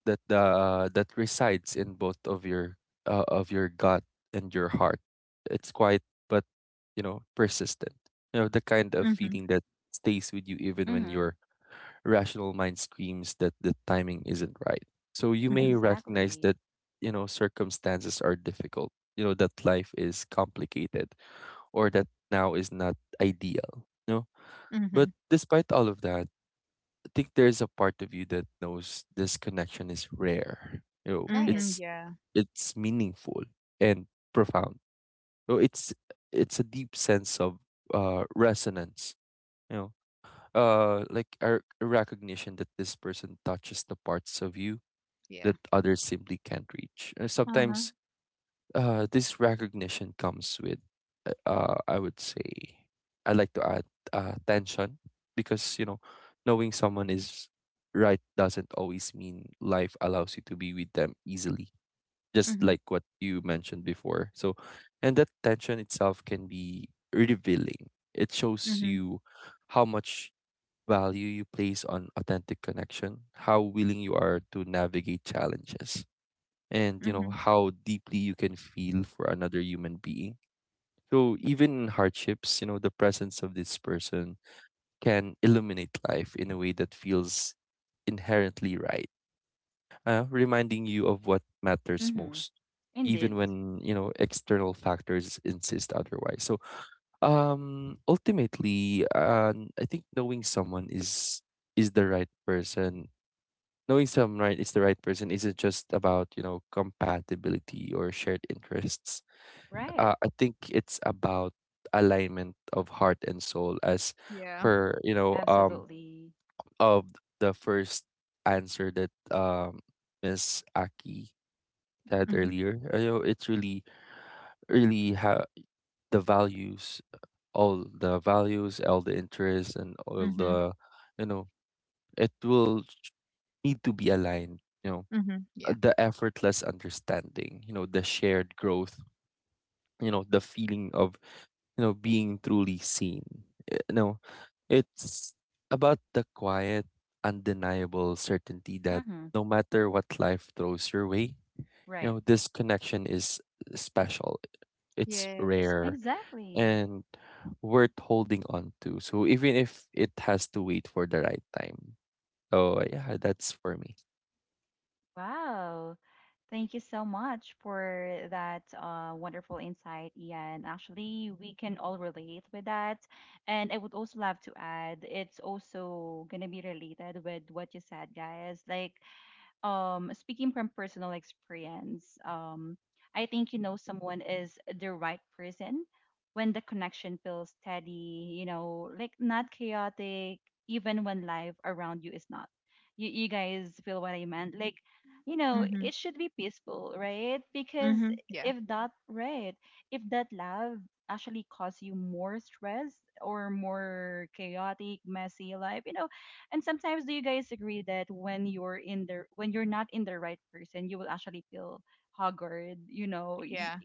B: that resides in both of your, of your gut and your heart. It's quiet, but, you know, persistent. You know, the kind of
C: Mhm.
B: feeling that stays with you even when
A: Mm-hmm.
B: your rational mind screams that the timing isn't right. So you may
C: Mhm.
B: recognize
A: Exactly.
B: that, you know, circumstances are difficult. You know that life is complicated, or that now is not ideal. You know, but
C: Mhm.
B: despite all of that, think there's a part of you that knows this connection is rare. You know,
A: Right.
C: Mhm. Yeah.
B: it's meaningful and profound. So it's a deep sense of resonance. You know, like a recognition that this person touches the parts of you
C: Yeah.
B: that others simply can't reach. And
C: Uh-huh.
B: sometimes this recognition comes with, I would say, I like to add tension because, you know, knowing someone is right doesn't always mean life allows you to be with them easily, just
C: Mhm.
B: like what you mentioned before. So, and that tension itself can be revealing. It shows
C: Mhm.
B: you how much value you place on authentic connection, how willing you are to navigate challenges, and you know
C: Mhm.
B: how deeply you can feel for another human being. So even in hardships, you know, the presence of this person can illuminate life in a way that feels inherently right, reminding you of what matters
A: Mm-hmm.
B: most, even
A: Indeed.
B: when you know external factors insist otherwise. So ultimately, I think knowing someone is the right person. Knowing someone right is the right person isn't just about, you know, compatibility or shared interests.
A: Right.
B: I think it's about alignment of heart and soul as
C: Yeah.
B: per, you know,
A: Absolutely.
B: of the first answer that Miss Aki said
C: Mhm.
B: earlier. You know, it's really really how the values, all the values, all the interests, and all
C: Mhm.
B: the, you know, it will ch- need to be aligned. You know,
C: Mhm. Yeah.
B: The effortless understanding. You know, the shared growth, you know, the feeling of, you know, being truly seen. No, it's about the quiet undeniable certainty that
A: Mm-hmm.
B: no matter what life throws your way, you
A: Right.
B: know, this connection is special, it's
C: Yes.
B: rare,
A: Exactly.
B: and worth holding on to. So even if it has to wait for the right time, so yeah, that's for me.
A: Wow. Thank you so much for that wonderful insight, Ian. Actually, we can all relate with that. And I would also love to add, it's also going to be related with what you said, guys. Like, speaking from personal experience, I think you know someone is the right person when the connection feels steady, you know, like not chaotic, even when life around you is not. You, you guys feel what I meant? Like, you know,
C: Mhm.
A: it should be peaceful, right? Because
C: Mhm. Yeah.
A: if that right, if that love actually cause you more stress or more chaotic messy life, you know. And sometimes, do you guys agree that when you're in the when you're not in the right person, you will actually feel haggard, you know,
C: Yeah.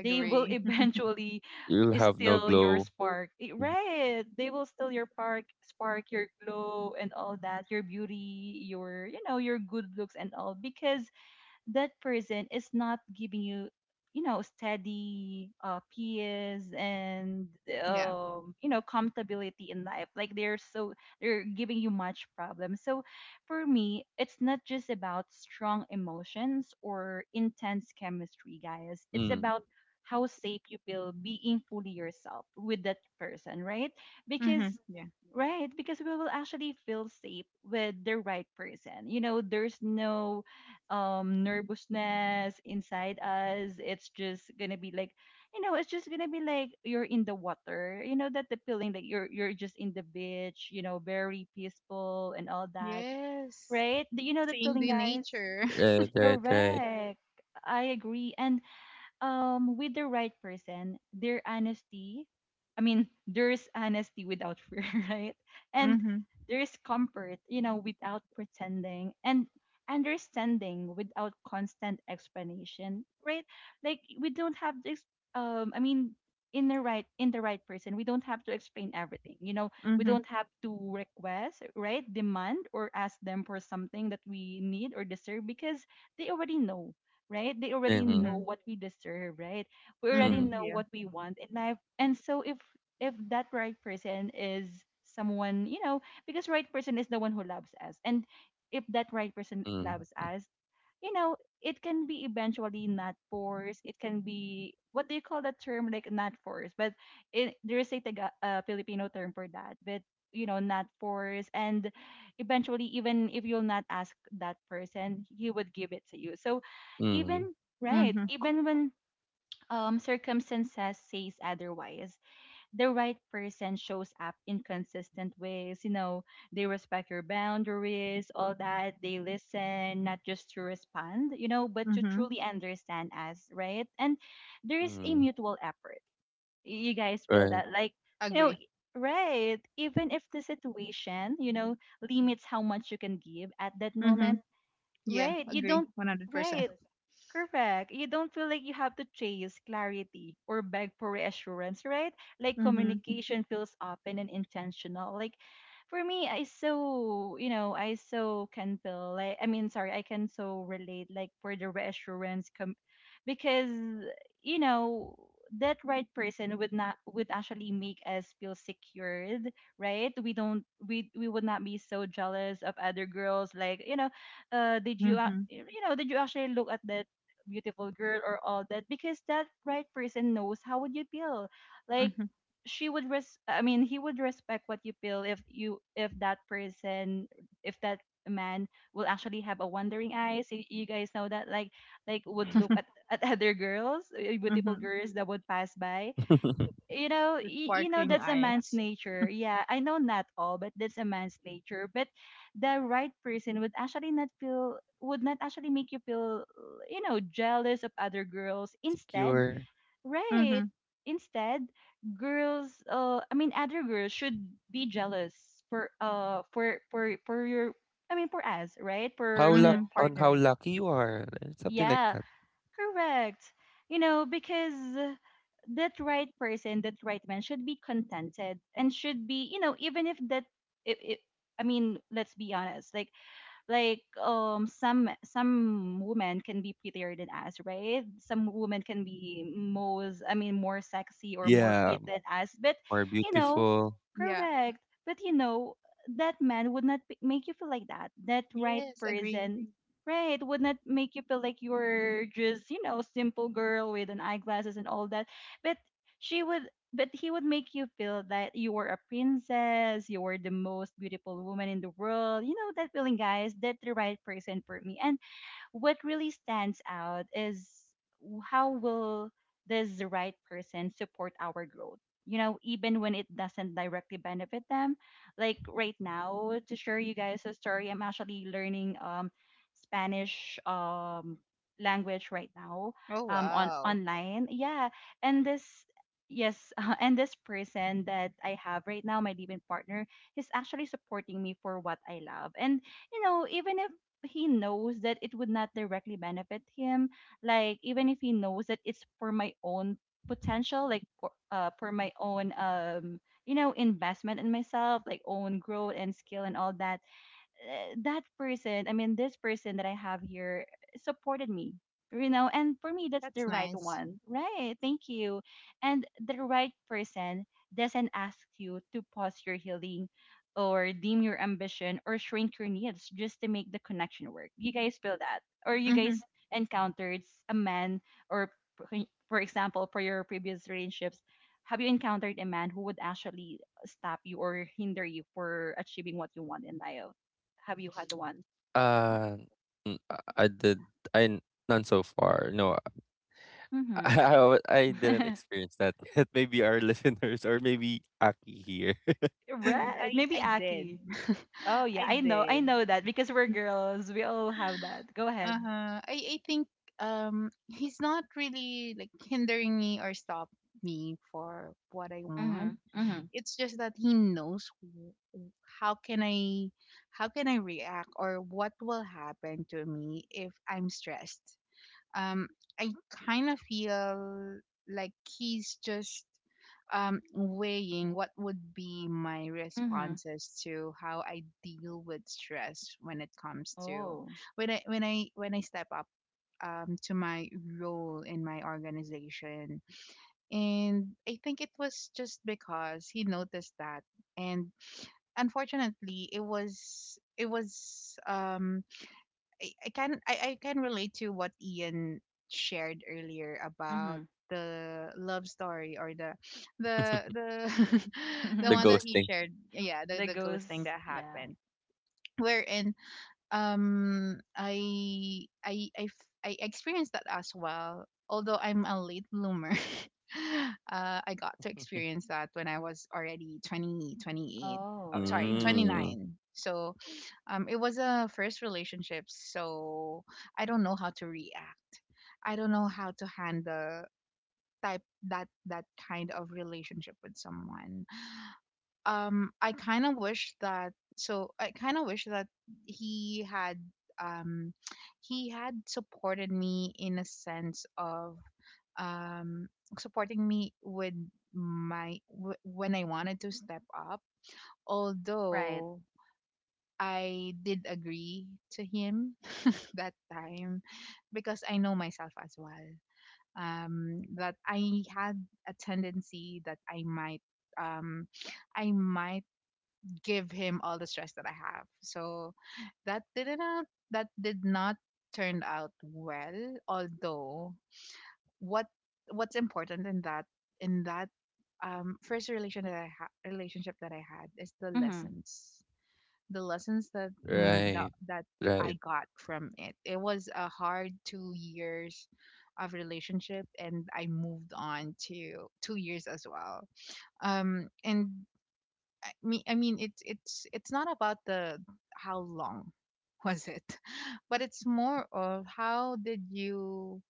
A: they will *laughs* eventually
B: You'll have no
A: steal your
B: glow.
A: spark. Eh,
B: Mhm.
A: right. They will steal your spark, spark your glow and all that, your beauty, your you know, your good looks and all, because that person is not giving you you know steady peace and
C: Yeah.
A: you know comfortability in life. Like they're so they're giving you much problem. So for me, it's not just about strong emotions or intense chemistry, guys. It's
B: Mm.
A: about how safe you feel being fully yourself with that person, right? Because
C: Mhm. Yeah.
A: right, because we will actually feel safe with the right person. You know, there's no nervousness inside us. It's just gonna be like, you know, it's just gonna be like you're in the water, you know, that the feeling that you're just in the beach, you know, very peaceful and all that.
C: Yes.
A: Right, do you know that
C: Seeing
A: feeling,
C: the
A: guys?
C: nature. *laughs*
B: Right, right, right.
A: Correct. I agree. And with the right person, their honesty, I mean, there's honesty without fear, *laughs* right? And
C: Mhm.
A: there is comfort, you know, without pretending, and understanding without constant explanation, right? Like we don't have this I mean, in the right, in the right person, we don't have to explain everything, you know. We
C: Mhm.
A: don't have to request, right, demand or ask them for something that we need or deserve, because they already know. Right? They already
B: Mhm,
A: know
C: Mhm.
A: what we deserve, right? We already
C: Mhm.
B: mhm,
A: know
C: Yeah.
A: what we want in life. And so if that right person is someone, you know, because right person is the one who loves us. And if that right person
B: mm,
A: loves us, you know, it can be eventually not forced. It can be what do you call that term? Like not forced, but it, there is a Taga, Filipino term for that. But you know, not forced, and eventually, even if you'll not ask that person, he would give it to you. So,
B: mm,
A: even right,
C: Mhm.
A: even when circumstances says otherwise, the right person shows up in consistent ways. You know, they respect your boundaries, all that. They listen, not just to respond, you know, but to
C: Mhm.
A: truly understand us, right? And there is a
B: Hmm,
A: mutual effort. You guys feel
B: right.
A: that, like, you know,
C: Agree.
A: right? Even if the situation, you know, limits how much you can give at that moment,
C: Mhm. Yeah.
A: right? You
C: Agree.
A: don't,
C: 100%.
A: right? Correct. You don't feel like you have to chase clarity or beg for reassurance, right? Like
C: Mhm.
A: communication feels open and intentional. Like for me, I so can feel like, I mean, sorry, I can so relate like for the because, you know, that right person would not would actually make us feel secured, right? We don't we we would not be so jealous of other girls, like, you know, uh did you ac-
C: Mhm.
A: you know, did you actually look at this beautiful girl or all that? Because that right person knows how would you feel. Like
C: Mhm.
A: she would res I mean he would respect what you feel. If you, if that man will actually have a wandering eyes, you guys know that, like would look
C: *laughs*
A: at other girls, beautiful
C: Mhm.
A: girls that would pass by,
B: *laughs*
A: you know.
C: The
A: You know
C: sparkling
A: that's a man's
C: eyes.
A: nature. Yeah, I know, not all, but that's a man's nature. But the right person would actually not feel would not actually make you feel, you know, jealous of other girls. Instead,
B: Secure.
C: Mm-hmm.
A: right, instead, girls I mean other girls should be jealous for, for your, I mean, for us, right, for
B: How
A: the
B: luck
C: Mm-hmm.
B: on how
A: partner.
B: lucky you are, something like
A: Yeah.
B: that.
A: Correct. You know, because that right person, that right man should be contented and should be, you know, even if that, if, I mean, let's be honest, like some women can be prettier than us, right? Some women can be most I mean more sexy or more
B: Yeah,
A: fit than us, but,
B: more
A: you know.
B: beautiful.
C: Yeah.
A: Correct. But you know that man would not make you feel like that. That right
C: Yes, agree.
A: person, right, would not make you feel like you're just, you know, simple girl with an eyeglasses and all that. But she would, but he would make you feel that you were a princess, you were the most beautiful woman in the world. You know that feeling, guys. That's the right person for me. And what really stands out is how will this right person support our growth? You know, even when it doesn't directly benefit them. Like right now, to share you guys a story, I'm actually learning Spanish language right now,
C: Oh,
A: on
C: wow.
A: online. Yeah, and this, yes, *laughs* and this person that I have right now, my living partner, is actually supporting me for what I love. And you know, even if he knows that it would not directly benefit him, like even if he knows that it's for my own potential, like for my own, you know, investment in myself, like own growth and skill and all that, that person, I mean, this person that I have here, supported me, you know. And for me, that's the
C: That's
A: right
C: nice.
A: one, right? Thank you. And the right person doesn't ask you to pause your healing or dim your ambition or shrink your needs just to make the connection work. You guys feel that? Or you
C: Mm-hmm.
A: guys encountered a man, or, for example, for your previous relationships, have you encountered a man who would actually stop you or hinder you for achieving what you want in life? Have you had one?
B: Uh, mm, I I did. I n- None so far. No, *laughs*
A: Mm-hmm.
B: I, I didn't
A: *laughs*
B: experience that yet. *laughs* Maybe our listeners or maybe Aki here. *laughs*
A: Right.
C: I
A: Maybe
C: I did.
A: Aki. Oh
C: *laughs* I
A: yeah, I know. I
C: did.
A: know that because we're girls. We all have that. Go ahead.
C: Uh-huh. I think, he's not really like hindering me or stop me for what I
A: Mm-hmm.
C: want.
A: Mm-hmm.
C: It's just that he knows how can I, how can I react, or what will happen to me if I'm stressed. um, I kind of feel like he's just, weighing what would be my
A: Mm-hmm.
C: responses to how I deal with stress when it comes to
A: Oh.
C: when I step up, to my role in my organization. And I think it was just because he noticed that, and unfortunately, it was I can relate to what Ian shared earlier about the love story or the *laughs* the
B: the
A: Mm-hmm.
C: one that he
B: ghosting.
C: shared. Yeah,
A: *laughs* The
C: the ghosting
A: ghost.
C: that
A: Yeah.
C: happened, wherein, I experienced that as well, although I'm a late bloomer. *laughs* Uh, I got to experience that when I was already 20 twenty eight. Oh,
A: Oh.
C: sorry,
A: Mm-hmm.
B: Mm,
C: 29. So, it was a first relationship, so I don't know how to react. I don't know how to handle type that kind of relationship with someone. I kind of wish that. He had, um he had supported me in a sense of, um supporting me with when I wanted to step up,
A: Right.
C: although I did agree to him that time, because I know myself as well. That I had a tendency that I might, um I might give him all the stress that I have. So that didn't that did not turn out well. Although what what's important in that first relationship that I had is the
A: Mm-hmm.
C: lessons, the lessons that
B: right.
C: that
B: Right.
C: I got from it. It was a hard 2 years of relationship, and I moved on to 2 years as well. And I mean, it's it's not about the how long was it, *laughs* but it's more of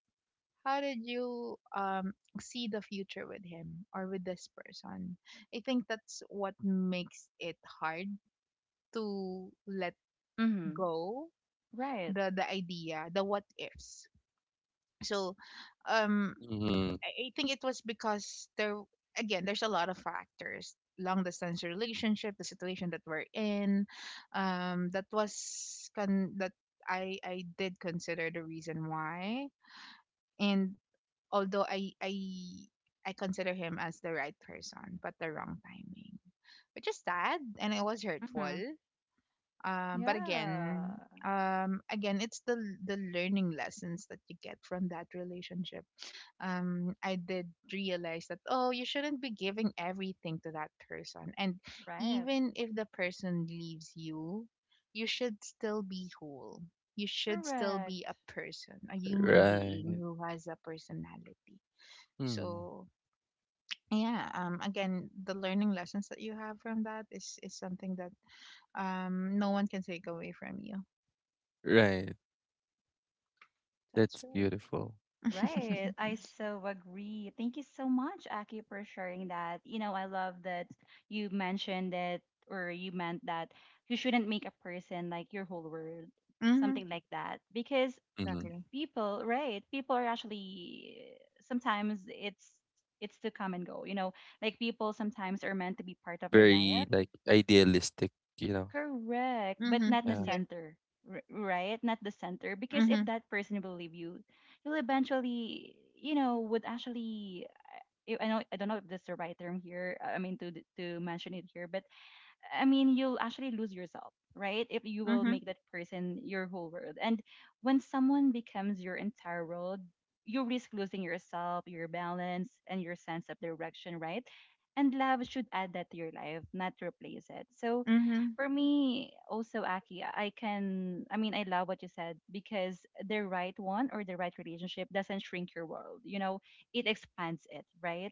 C: how did you, see the future with him or with this person. I think that's what makes it hard to let
A: Mm-hmm.
C: go,
A: Right.
C: the idea, the what ifs. So, um
B: Mm,
C: I think it was because there, again, there's a lot of factors: long distance relationship, the situation that we're in, that was, con- that I did consider the reason why. And although I consider him as the right person but the wrong timing, which is sad, and it was hurtful,
A: Mm-hmm.
C: but again,
A: Yeah.
C: again it's the learning lessons that you get from that relationship. I did realize that, oh, you shouldn't be giving everything to that person, and
A: Right.
C: even if the person leaves you, you should still be whole. You should still be
A: Correct.
C: a person, a human being
B: right.
C: who has a personality.
B: Mm,
C: So yeah, again, the learning lessons that you have from that is something that, no one can take away from you.
B: right.
C: That's
B: That's beautiful.
C: right.
A: Right. I
C: *laughs*
A: so agree. Thank you so much, Aki, for sharing that. You know, I love that you mentioned that, or you meant that, you shouldn't make a person like your whole world,
C: Mhm.
A: something like that. Because pe-
B: Mm,
C: Exactly.
A: people, right, people are actually sometimes it's to come and go, you know, like people sometimes are meant to be part of your
B: very
A: life.
B: like idealistic, you know.
A: Correct, but
C: Mhm.
A: not the
B: Yeah.
C: Yeah.
A: center, right? Not the center, because if
C: Mhm.
A: that person will leave you, you'll eventually, you know, would actually. I know, I don't know if that's the right term here, I mean to to mention it here, but I mean, you'll actually lose yourself, right? If you will
C: Mhm.
A: make that person your whole world. And when someone becomes your entire world, you risk losing yourself, your balance, and your sense of direction, right? And love should add that to your life, not replace it. So
C: Mhm.
A: for me, also, Aki, I can, I mean, I love what you said, because the right one or the right relationship doesn't shrink your world. You know, it expands it, right?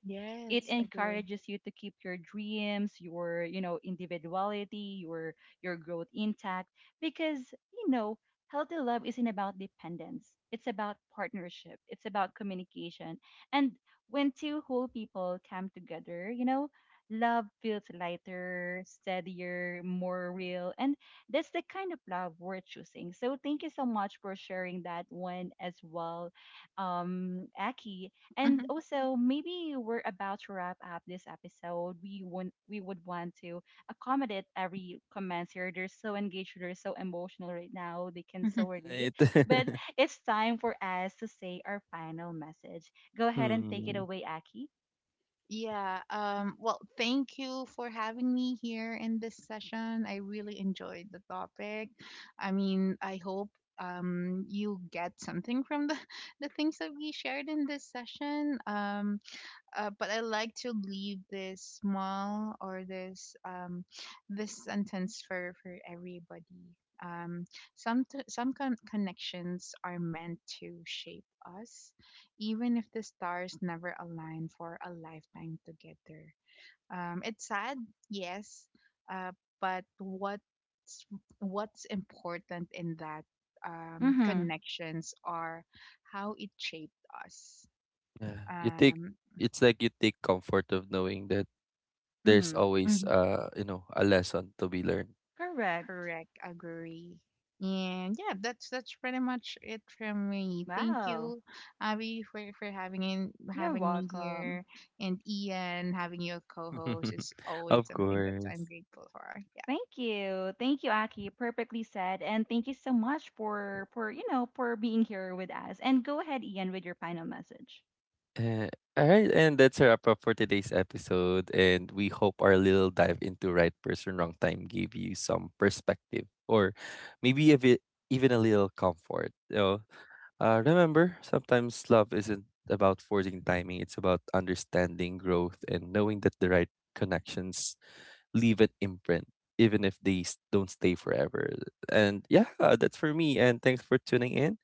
A: It
C: Yes, I do.
A: encourages you to keep your dreams, your, you know, individuality, your growth intact. Because, you know, healthy love isn't about dependence, it's about partnership, it's about communication. And when two whole people come together, you know, love feels lighter, steadier, more real. And that's the kind of love we're choosing. So thank you so much for sharing that one as well, Aki. And
C: Mhm.
A: also, maybe we're about to wrap up this episode. We would want to accommodate every comments here. They're so engaged, they're so emotional right now. They can
C: Mhm.
A: so relate.
B: It,
A: But *laughs* it's time for us to say our final message. Go
B: *laughs*
A: ahead and take it
B: mm,
A: away, Aki.
C: Yeah. Well, thank you for having me here in this session. I really enjoyed the topic. I mean, I hope, you get something from the, *laughs* the things that we shared in this session. But I like to leave this small, or this, this sentence for everybody. Um, some connections are meant to shape us, even if the stars never align for a lifetime together. It's sad, yes, uh, but what's important in that,
A: Mhm.
C: connections are how it shaped us.
B: yeah. You take,
C: Um,
B: it's like you take comfort of knowing that there's
A: Mhm.
C: mhm.
B: always you know a lesson to be learned.
A: Correct.
C: Correct. Agree. And yeah, that's pretty much it from me. Thank
A: Wow.
C: you, Abby, for
A: You're
C: having me
A: welcome.
C: here, and Ian, having you a co-host is
B: *laughs*
C: always
B: of
C: something that I'm
B: course.
C: grateful for.
A: Thank you. Thank you, Aki. Perfectly said. And thank you so much for you know, for being here with us. And go ahead, Ian, with your final message.
B: Uh, all right, and that's a wrap up for today's episode. And we hope our little dive into right person, wrong time gave you some perspective or maybe a bit, even a little comfort. So, remember, sometimes love isn't about forcing timing, it's about understanding growth and knowing that the right connections leave an imprint, even if they don't stay forever. And yeah, that's for me. And thanks for tuning in.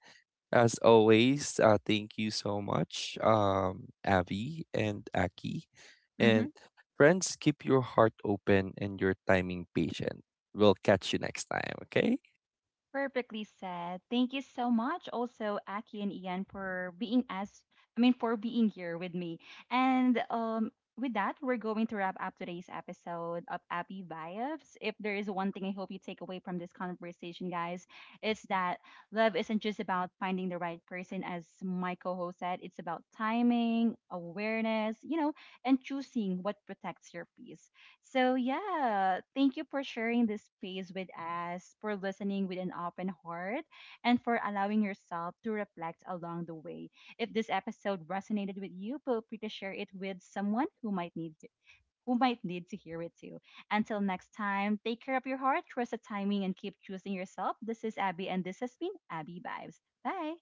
B: As always, thank you so much, Abby and Aki.
C: Yeah. Mm-hmm.
B: And friends, keep your heart open and your timing patient. We'll catch you next time, okay?
A: Perfectly said. Thank you so much also Aki and Ian for being as, I mean, for being here with me. And with that, we're going to wrap up today's episode of Happy Vibes. If there is one thing I hope you take away from this conversation, guys, it's that love isn't just about finding the right person, as my co host said. It's about timing, awareness, you know, and choosing what protects your peace. So, yeah, thank you for sharing this space with us, for listening with an open heart, and for allowing yourself to reflect along the way. If this episode resonated with you, feel free to share it with someone who might need, who might need to hear it too. Until next time, take care of your heart, trust the timing, and keep choosing yourself. This is Abby, and this has been Abby Vibes. Bye.